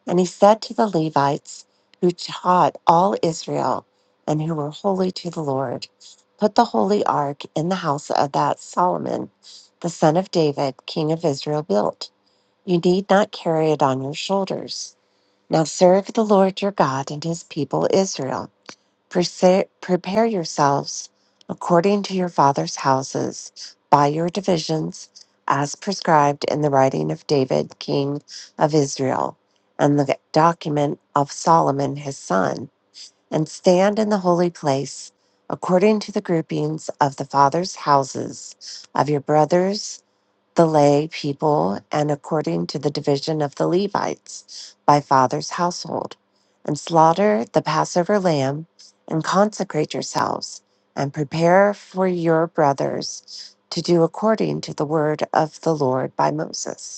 C: And he said to the Levites who taught all Israel and who were holy to the Lord, Put the holy ark in the house of that Solomon, the son of David, king of Israel, built. You need not carry it on your shoulders. Now serve the Lord your God and his people Israel. Prese- Prepare yourselves according to your father's houses by your divisions, as prescribed in the writing of David, king of Israel, and the document of Solomon his son, and stand in the holy place according to the groupings of the fathers' houses of your brothers the lay people and according to the division of the Levites by father's household, and slaughter the Passover lamb, and consecrate yourselves, and prepare for your brothers to do according to the word of the Lord by Moses.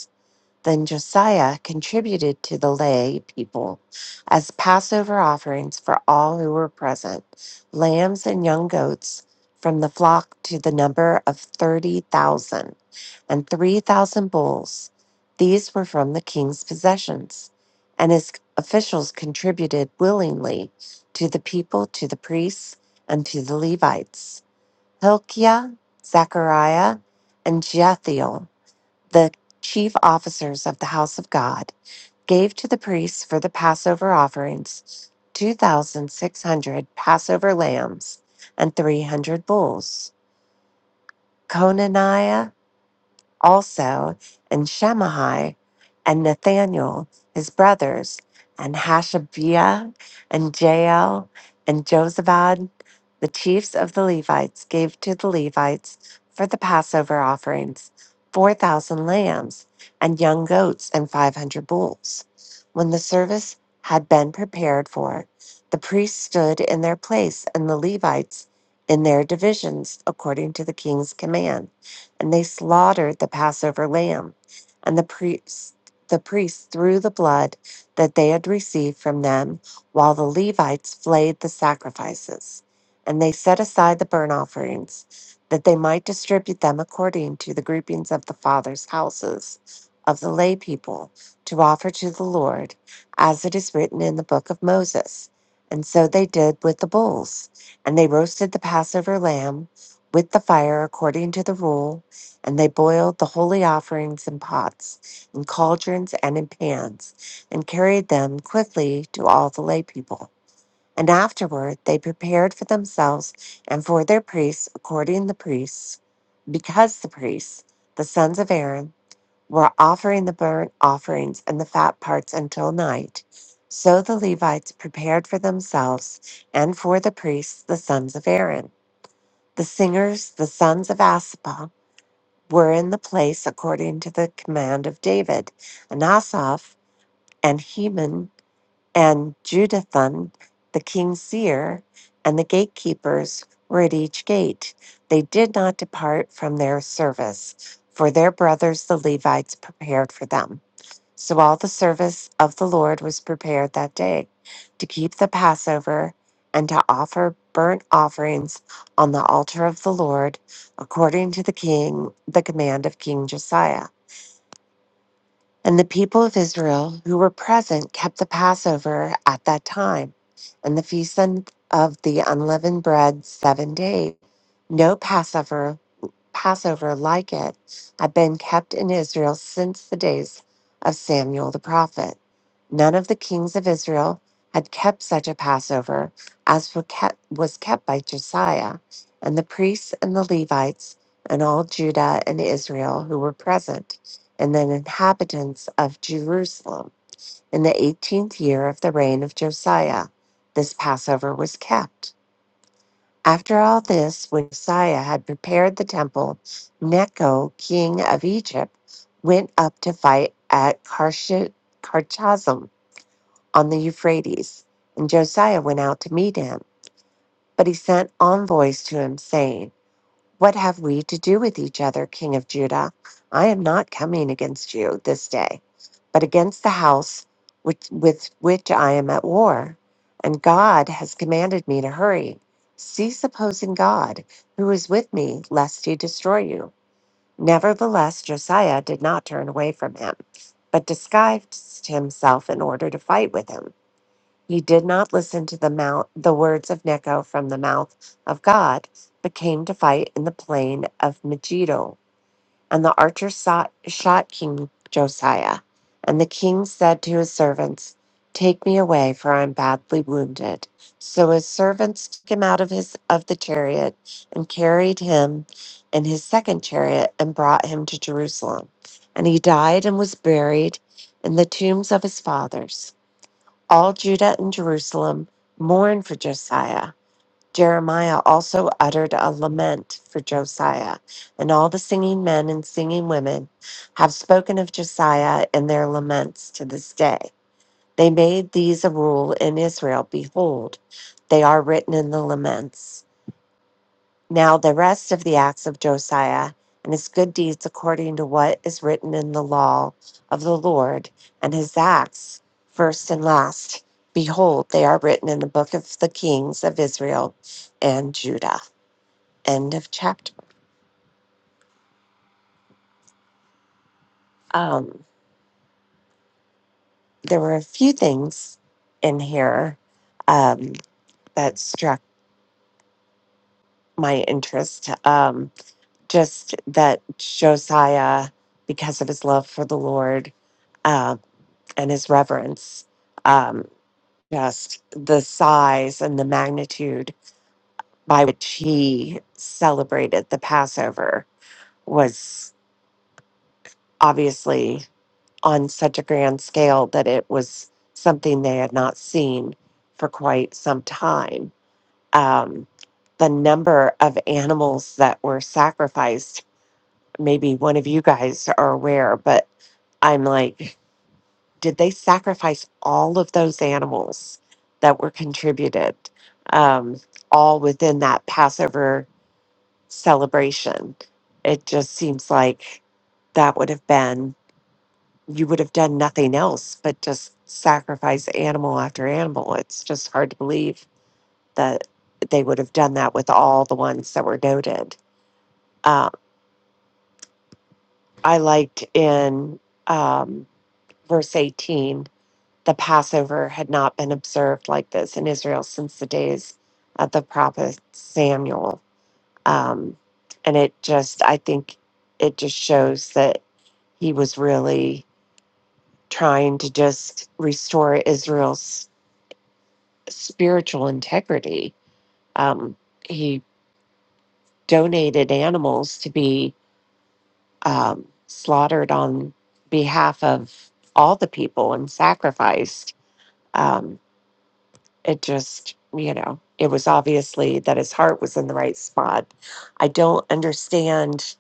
C: Then Josiah contributed to the lay people as Passover offerings for all who were present lambs and young goats from the flock to the number of 30,000, and 3,000 bulls. These were from the king's possessions. And his officials contributed willingly to the people, to the priests, and to the Levites. Hilkiah, Zechariah, and Jethiel the chief officers of the house of God gave to the priests for the Passover offerings 2,600 Passover lambs and 300 bulls. Conaniah also, and Shemaiah and Nathaniel, his brothers, and Hashabiah and Jael and Josabad, the chiefs of the Levites, gave to the Levites for the Passover offerings 4,000 lambs and young goats and 500 bulls. When the service had been prepared for, the priests stood in their place and the Levites in their divisions according to the king's command and they slaughtered the Passover lamb. And the priests, the priests threw the blood that they had received from them, while the Levites flayed the sacrifices. And they set aside the burnt offerings, that they might distribute them according to the groupings of the fathers' houses of the lay people to offer to the Lord, as it is written in the book of Moses. And so they did with the bulls, and they roasted the Passover lamb with the fire according to the rule and they boiled the holy offerings in pots, in cauldrons, and in pans, and carried them quickly to all the lay people. And afterward they prepared for themselves and for their priests, according to the priests, because the priests, the sons of Aaron, were offering the burnt offerings and the fat parts until night. So the Levites prepared for themselves and for the priests, the sons of Aaron, the singers, the sons of Asaph were in the place according to the command of David. And Asaph and Heman and Jeduthun, the king's seer, and the gatekeepers were at each gate. They did not depart from their service, for their brothers the Levites prepared for them. So all the service of the Lord was prepared that day to keep the Passover and to offer burnt offerings on the altar of the Lord according to the king the command of King Josiah. And the people of Israel who were present kept the Passover at that time and the feast un- of the unleavened bread 7 days. No Passover Passover like it had been kept in Israel since the days of Samuel the prophet. None of the kings of Israel had kept such a Passover as were kept- was kept by Josiah, and the priests and the Levites and all Judah and Israel who were present, and the inhabitants of Jerusalem. In the eighteenth year of the reign of Josiah, this Passover was kept. After all this, when Josiah had prepared the temple, Necho, king of Egypt, went up to fight at Karsh- Karchazim on the Euphrates, and Josiah went out to meet him. But he sent envoys to him, saying, what have we to do with each other, King of Judah? I am not coming against you this day, but against the house which, with which I am at war. And God has commanded me to hurry. Cease opposing God, who is with me, lest he destroy you. Nevertheless, Josiah did not turn away from him, but disguised himself in order to fight with him. You did not listen to the mouth, the words of Necho from the mouth of God, but came to fight in the plain of Megiddo. And the archer sought, shot King Josiah. And the king said to his servants, Take me away, for I am badly wounded. So his servants took him out of his of the chariot and carried him in his second chariot and brought him to Jerusalem. And he died and was buried in the tombs of his fathers. All Judah and Jerusalem mourned for Josiah. Jeremiah also uttered a lament for Josiah, and all the singing men and singing women have spoken of Josiah in their laments to this day. They made these a rule in Israel. Behold, they are written in the laments. Now the rest of the acts of Josiah and his good deeds according to what is written in the law of the Lord and his acts, first and last, behold, they are written in the book of the kings of Israel and Judah. End of chapter. Um, there were a few things in here um, that struck my interest. Um, just that Josiah, because of his love for the Lord, um, and his reverence. Um, just the size and the magnitude by which he celebrated the Passover was obviously on such a grand scale that it was something they had not seen for quite some time. Um, the number of animals that were sacrificed, maybe one of you guys are aware, but I'm like, did they sacrifice all of those animals that were contributed um, all within that passover celebration it just seems like that would have been you would have done nothing else but just sacrifice animal after animal it's just hard to believe that they would have done that with all the ones that were noted uh, i liked in um, verse 18 the Passover had not been observed like this in Israel since the days of the prophet Samuel. Um, and it just, I think it just shows that he was really trying to just restore Israel's spiritual integrity. Um, he donated animals to be um, slaughtered on behalf of all the people and sacrificed. Um, it just you know it was obviously that his heart was in the right spot i don't understand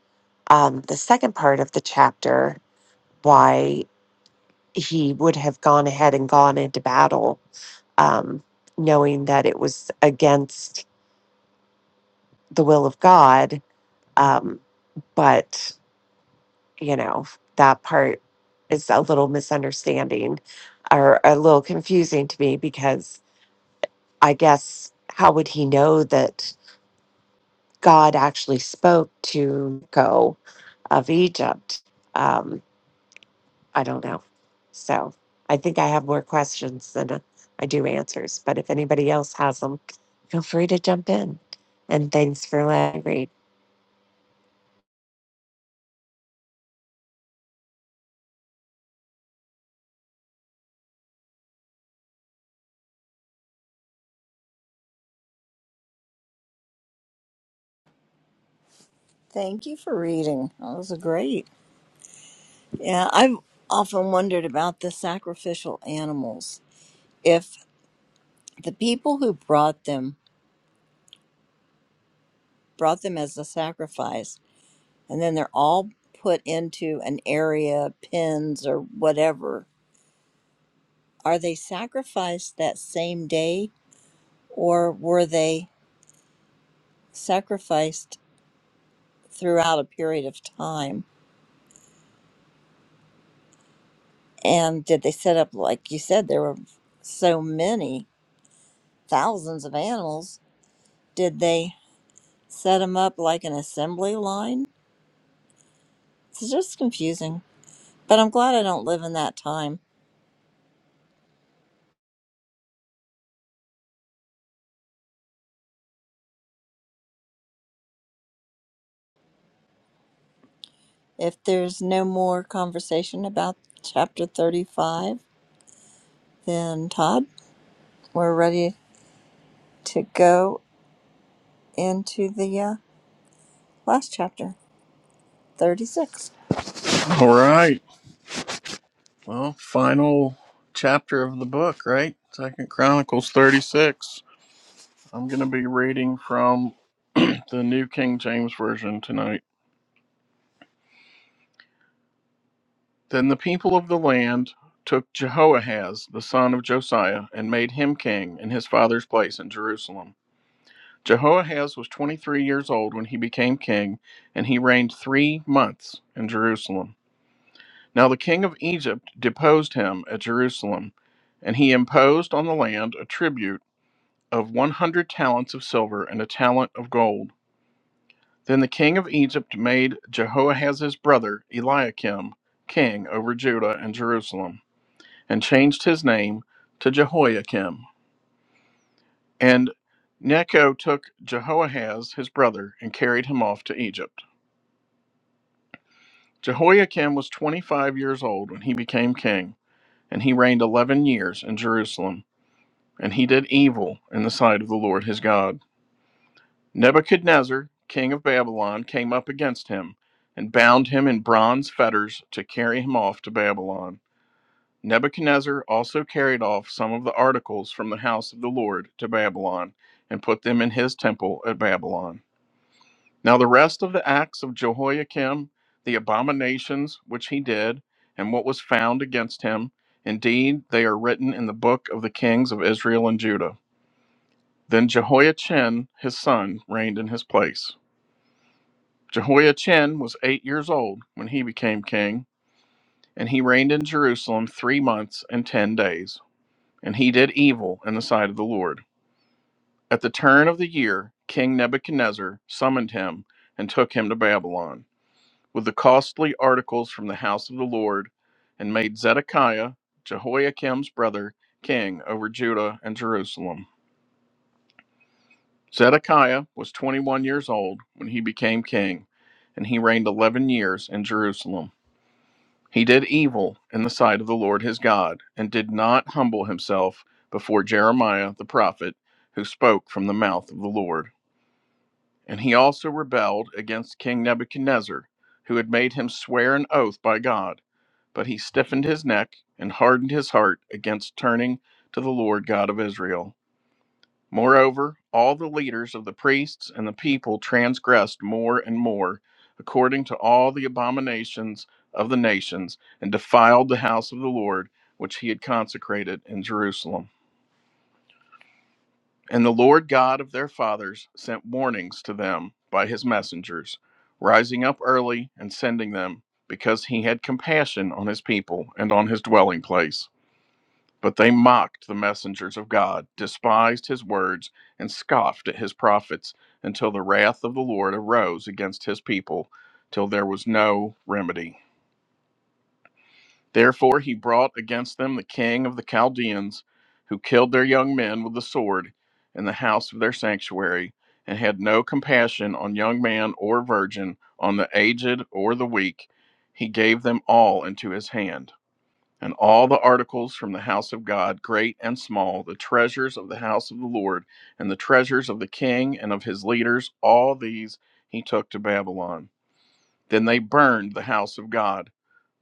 C: um, the second part of the chapter why he would have gone ahead and gone into battle um, knowing that it was against the will of god um, but you know that part is a little misunderstanding or a little confusing to me because i guess how would he know that God actually spoke to go of Egypt. Um, I don't know. So I think I have more questions than uh, I do answers. But if anybody else has them, feel free to jump in. And thanks for letting me read.
A: Thank you for reading. That was great. Yeah, I've often wondered about the sacrificial animals. If the people who brought them brought them as a sacrifice, and then they're all put into an area, pens or whatever, Are they sacrificed that same day or were they sacrificed throughout a period of time? And did they set up, like you said, there were so many thousands of animals? Did they set them up like an assembly line? It's just confusing. But I'm glad I don't live in that time. If there's no more conversation about chapter 35, then Todd, we're ready to go into the uh, last chapter. 36.
E: All right. Well, final chapter of the book, right? Second Chronicles 36. I'm going to be reading from the New King James Version tonight. Then the people of the land took Jehoahaz, the son of Josiah, and made him king in his father's place in Jerusalem. Jehoahaz was 23 years old when he became king, and he reigned three months in Jerusalem. Now the king of Egypt deposed him at Jerusalem, and he imposed on the land a tribute of 100 talents of silver and a talent of gold. Then the king of Egypt made Jehoahaz's brother Eliakim king over Judah and Jerusalem, and changed his name to Jehoiakim. And Necho took Jehoahaz, his brother, and carried him off to Egypt. Jehoiakim was 25 years old when he became king, and he reigned 11 years in Jerusalem. And he did evil in the sight of the Lord his God. Nebuchadnezzar, king of Babylon, came up against him and bound him in bronze fetters to carry him off to Babylon. Nebuchadnezzar also carried off some of the articles from the house of the Lord to Babylon and put them in his temple at Babylon. Now, the rest of the acts of Jehoiakim, the abominations which he did, and what was found against him, indeed, they are written in the book of the kings of Israel and Judah. Then Jehoiachin, his son, reigned in his place. Jehoiachin was eight years old when he became king, and he reigned in Jerusalem three months and ten days. And he did evil in the sight of the Lord. At the turn of the year, King Nebuchadnezzar summoned him and took him to Babylon with the costly articles from the house of the Lord, and made Zedekiah, Jehoiakim's brother, king over Judah and Jerusalem. Zedekiah was 21 years old when he became king, and he reigned 11 years in Jerusalem. He did evil in the sight of the Lord his God, and did not humble himself before Jeremiah the prophet, who spoke from the mouth of the Lord. And he also rebelled against King Nebuchadnezzar, who had made him swear an oath by God. But he stiffened his neck and hardened his heart against turning to the Lord God of Israel. Moreover, all the leaders of the priests and the people transgressed more and more, according to all the abominations of the nations, and defiled the house of the Lord, which he had consecrated in Jerusalem. And the Lord God of their fathers sent warnings to them by his messengers, rising up early and sending them, because he had compassion on his people and on his dwelling place. But they mocked the messengers of God, despised his words, and scoffed at his prophets, until the wrath of the Lord arose against his people, till there was no remedy. Therefore he brought against them the king of the Chaldeans, who killed their young men with the sword in the house of their sanctuary, and had no compassion on young man or virgin, on the aged or the weak. He gave them all into his hand and all the articles from the house of God, great and small, the treasures of the house of the Lord, and the treasures of the king and of his leaders, all these he took to Babylon. Then they burned the house of God,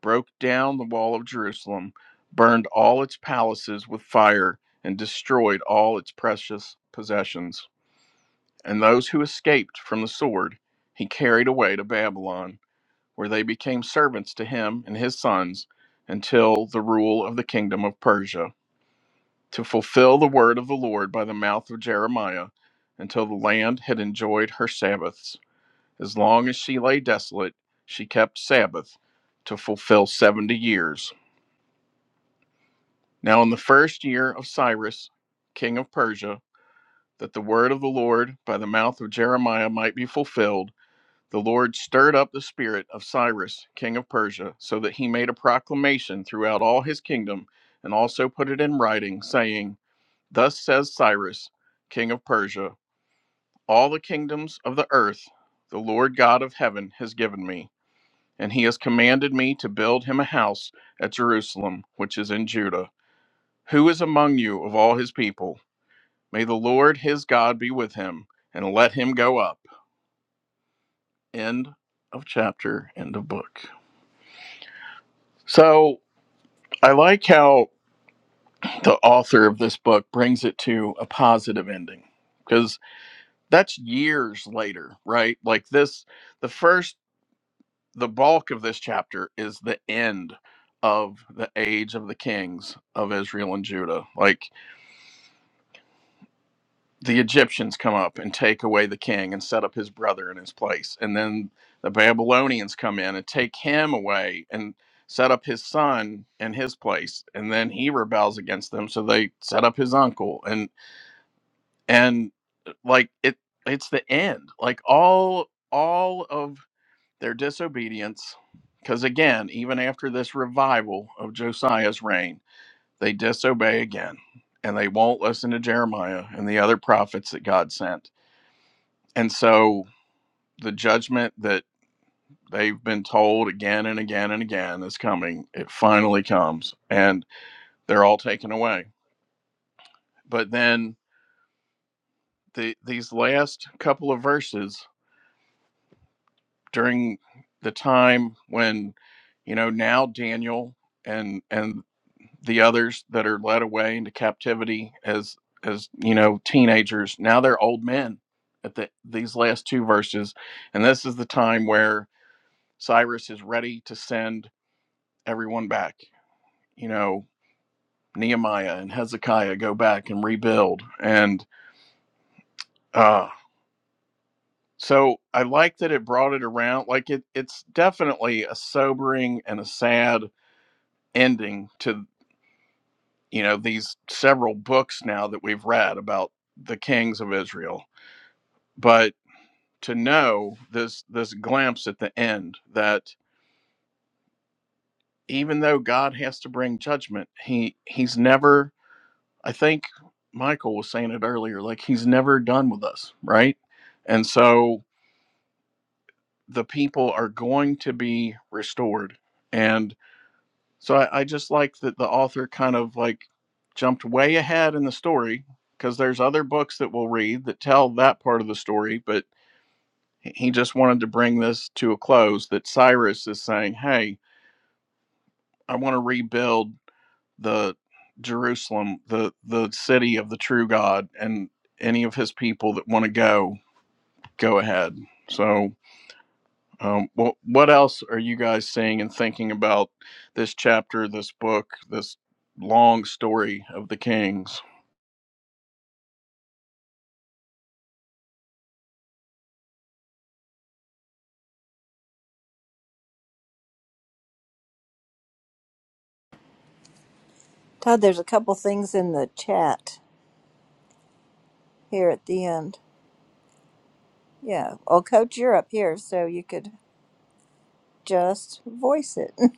E: broke down the wall of Jerusalem, burned all its palaces with fire, and destroyed all its precious possessions. And those who escaped from the sword he carried away to Babylon where they became servants to him and his sons until the rule of the kingdom of Persia, to fulfill the word of the Lord by the mouth of Jeremiah, until the land had enjoyed her Sabbaths. As long as she lay desolate, she kept Sabbath to fulfill seventy years. Now, in the first year of Cyrus, king of Persia, that the word of the Lord by the mouth of Jeremiah might be fulfilled, The Lord stirred up the spirit of Cyrus, king of Persia, so that he made a proclamation throughout all his kingdom, and also put it in writing, saying, Thus says Cyrus, king of Persia, all the kingdoms of the earth the Lord God of heaven has given me, and he has commanded me to build him a house at Jerusalem, which is in Judah. Who is among you of all his people? May the Lord his God be with him, and let him go up. End of chapter, end of book. So, I like how the author of this book brings it to a positive ending because that's years later, right? Like this, the first, the bulk of this chapter is the end of the age of the kings of Israel and Judah. Like the Egyptians come up and take away the king and set up his brother in his place. And then the Babylonians come in and take him away and set up his son in his place. And then he rebels against them. So they set up his uncle. And and uh, like it it's the end like all all of their disobedience because again even after this revival of josiah's reign they disobey again and they won't listen to jeremiah and the other prophets that god sent and so the judgment that they've been told again and again and again is coming it finally comes and they're all taken away but then the these last couple of verses during the time when you know now Daniel and and the others that are led away into captivity as as you know teenagers now they're old men at the, these last two verses and this is the time where Cyrus is ready to send everyone back you know Nehemiah and Hezekiah go back and rebuild and uh so I like that it brought it around like it it's definitely a sobering and a sad ending to you know these several books now that we've read about the kings of Israel but to know this this glimpse at the end that even though God has to bring judgment he he's never I think Michael was saying it earlier like he's never done with us right and so the people are going to be restored and So I, I just like that the author kind of like jumped way ahead in the story because there's other books that we'll read that tell that part of the story, but he he just wanted to bring this to a close that Cyrus is saying, "Hey, I want to rebuild the Jerusalem, the the city of the true God, and any of his people that want to go, go ahead." So Um, what what else are you guys seeing and thinking about this chapter, this book, this long story of the Kings?
A: Todd, there's a couple things in the chat here at the end. Yeah. Well, Coach, you're up here, so you could just voice it.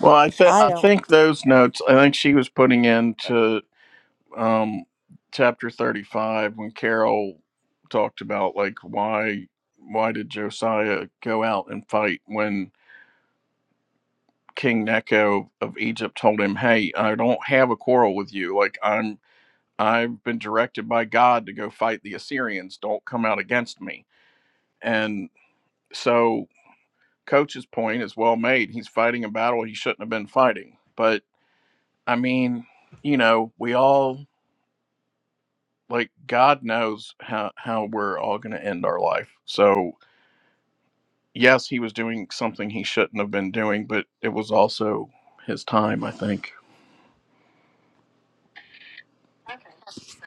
E: Well, I think
A: I
E: I
A: don't.
E: think those notes. I think she was putting into um, chapter thirty five when Carol talked about like why why did Josiah go out and fight when King Necho of Egypt told him, "Hey, I don't have a quarrel with you. Like I'm." I've been directed by God to go fight the Assyrians. Don't come out against me And so, coach's point is well made. He's fighting a battle he shouldn't have been fighting. But I mean, you know, we all like God knows how how we're all going to end our life. So yes, he was doing something he shouldn't have been doing, but it was also his time. I think.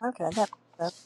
A: Okay, that makes sense.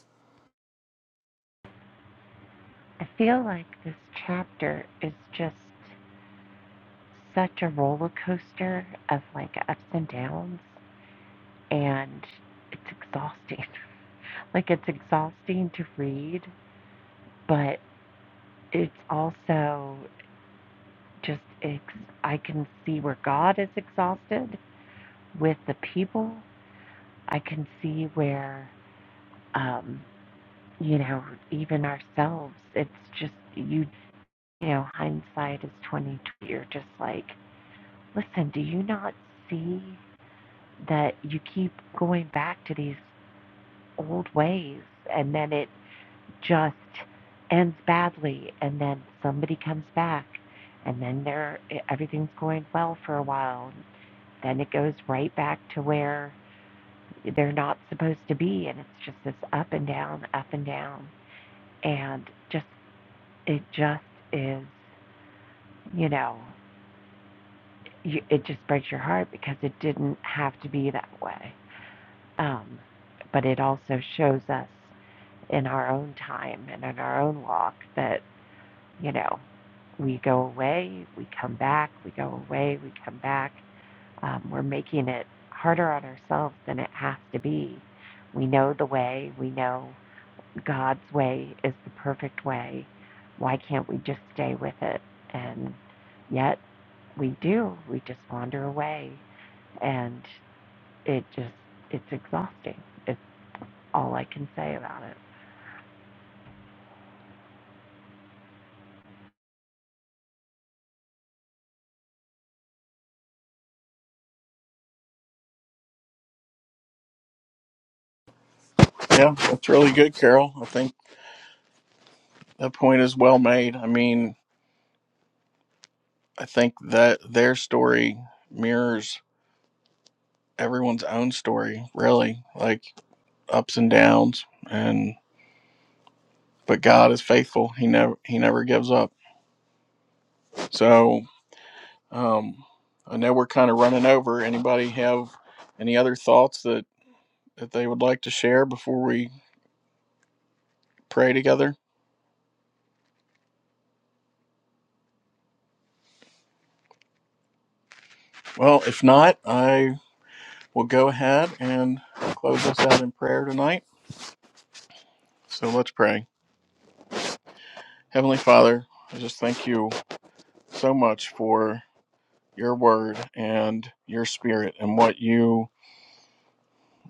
E: Yeah, that's really good, Carol. I think that point is well made. I mean, I think that their story mirrors everyone's own story, really, like ups and downs, and. but God is faithful. He never he never gives up. So um, I know we're kind of running over. Anybody have any other thoughts that that they would like to share before we pray together? Well, if not, I will go ahead and close us out in prayer tonight. So let's pray. Heavenly Father, I just thank you so much for your word and your spirit and what you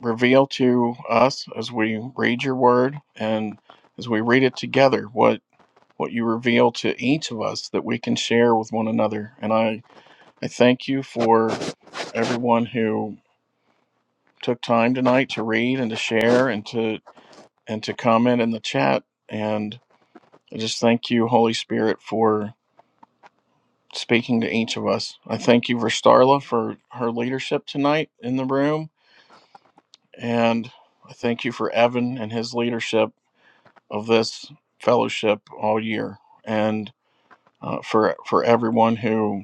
E: reveal to us as we read your word and as we read it together. What what you reveal to each of us that we can share with one another. And I, I thank you for everyone who took time tonight to read and to share and to and to comment in the chat. And I just thank you, Holy Spirit, for speaking to each of us. I thank you for Starla for her leadership tonight in the room. And I thank you for Evan and his leadership of this fellowship all year. And uh, for for everyone who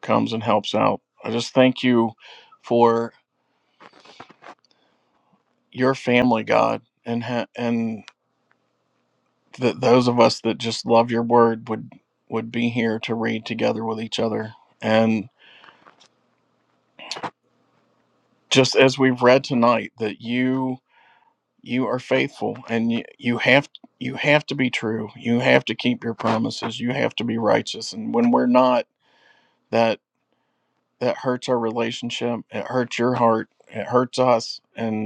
E: comes and helps out. I just thank you for your family, God, and ha- and that those of us that just love your word would would be here to read together with each other. And just as we've read tonight, that you you are faithful and you, you have you have to be true. You have to keep your promises. You have to be righteous. And when we're not, that that hurts our relationship. It hurts your heart. It hurts us. And.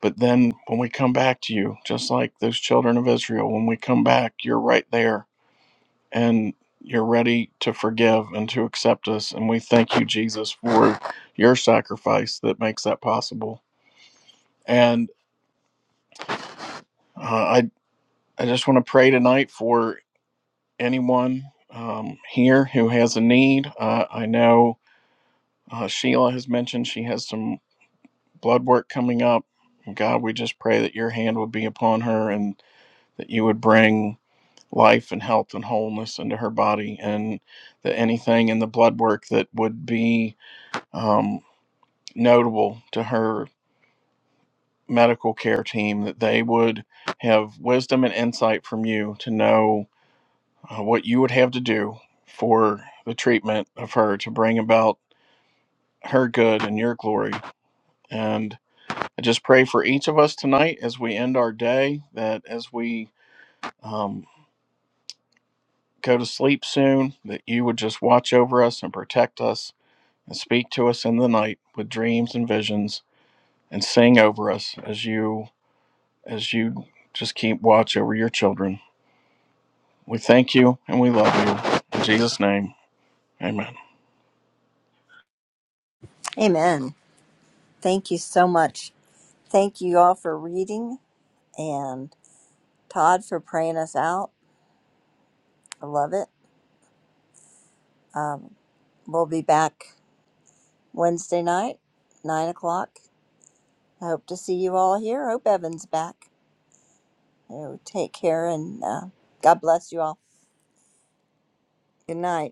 E: But then when we come back to you, just like those children of Israel, when we come back, you're right there and you're ready to forgive and to accept us. And we thank you, Jesus, for your sacrifice that makes that possible. And uh, I, I just want to pray tonight for anyone um, here who has a need. Uh, I know uh, Sheila has mentioned she has some blood work coming up. God, we just pray that your hand would be upon her and that you would bring life and health and wholeness into her body, and that anything in the blood work that would be um, notable to her medical care team, that they would have wisdom and insight from you to know uh, what you would have to do for the treatment of her to bring about her good and your glory. And I just pray for each of us tonight as we end our day, that as we um, go to sleep soon, that you would just watch over us and protect us and speak to us in the night with dreams and visions and sing over us as you as you just keep watch over your children. We thank you and we love you. In Jesus' name. Amen.
A: Amen. Thank you so much. Thank you all for reading and Todd for praying us out. I love it. Um, we'll be back Wednesday night, 9 o'clock. I hope to see you all here. Hope Evan's back. You know, take care and uh, God bless you all. Good night.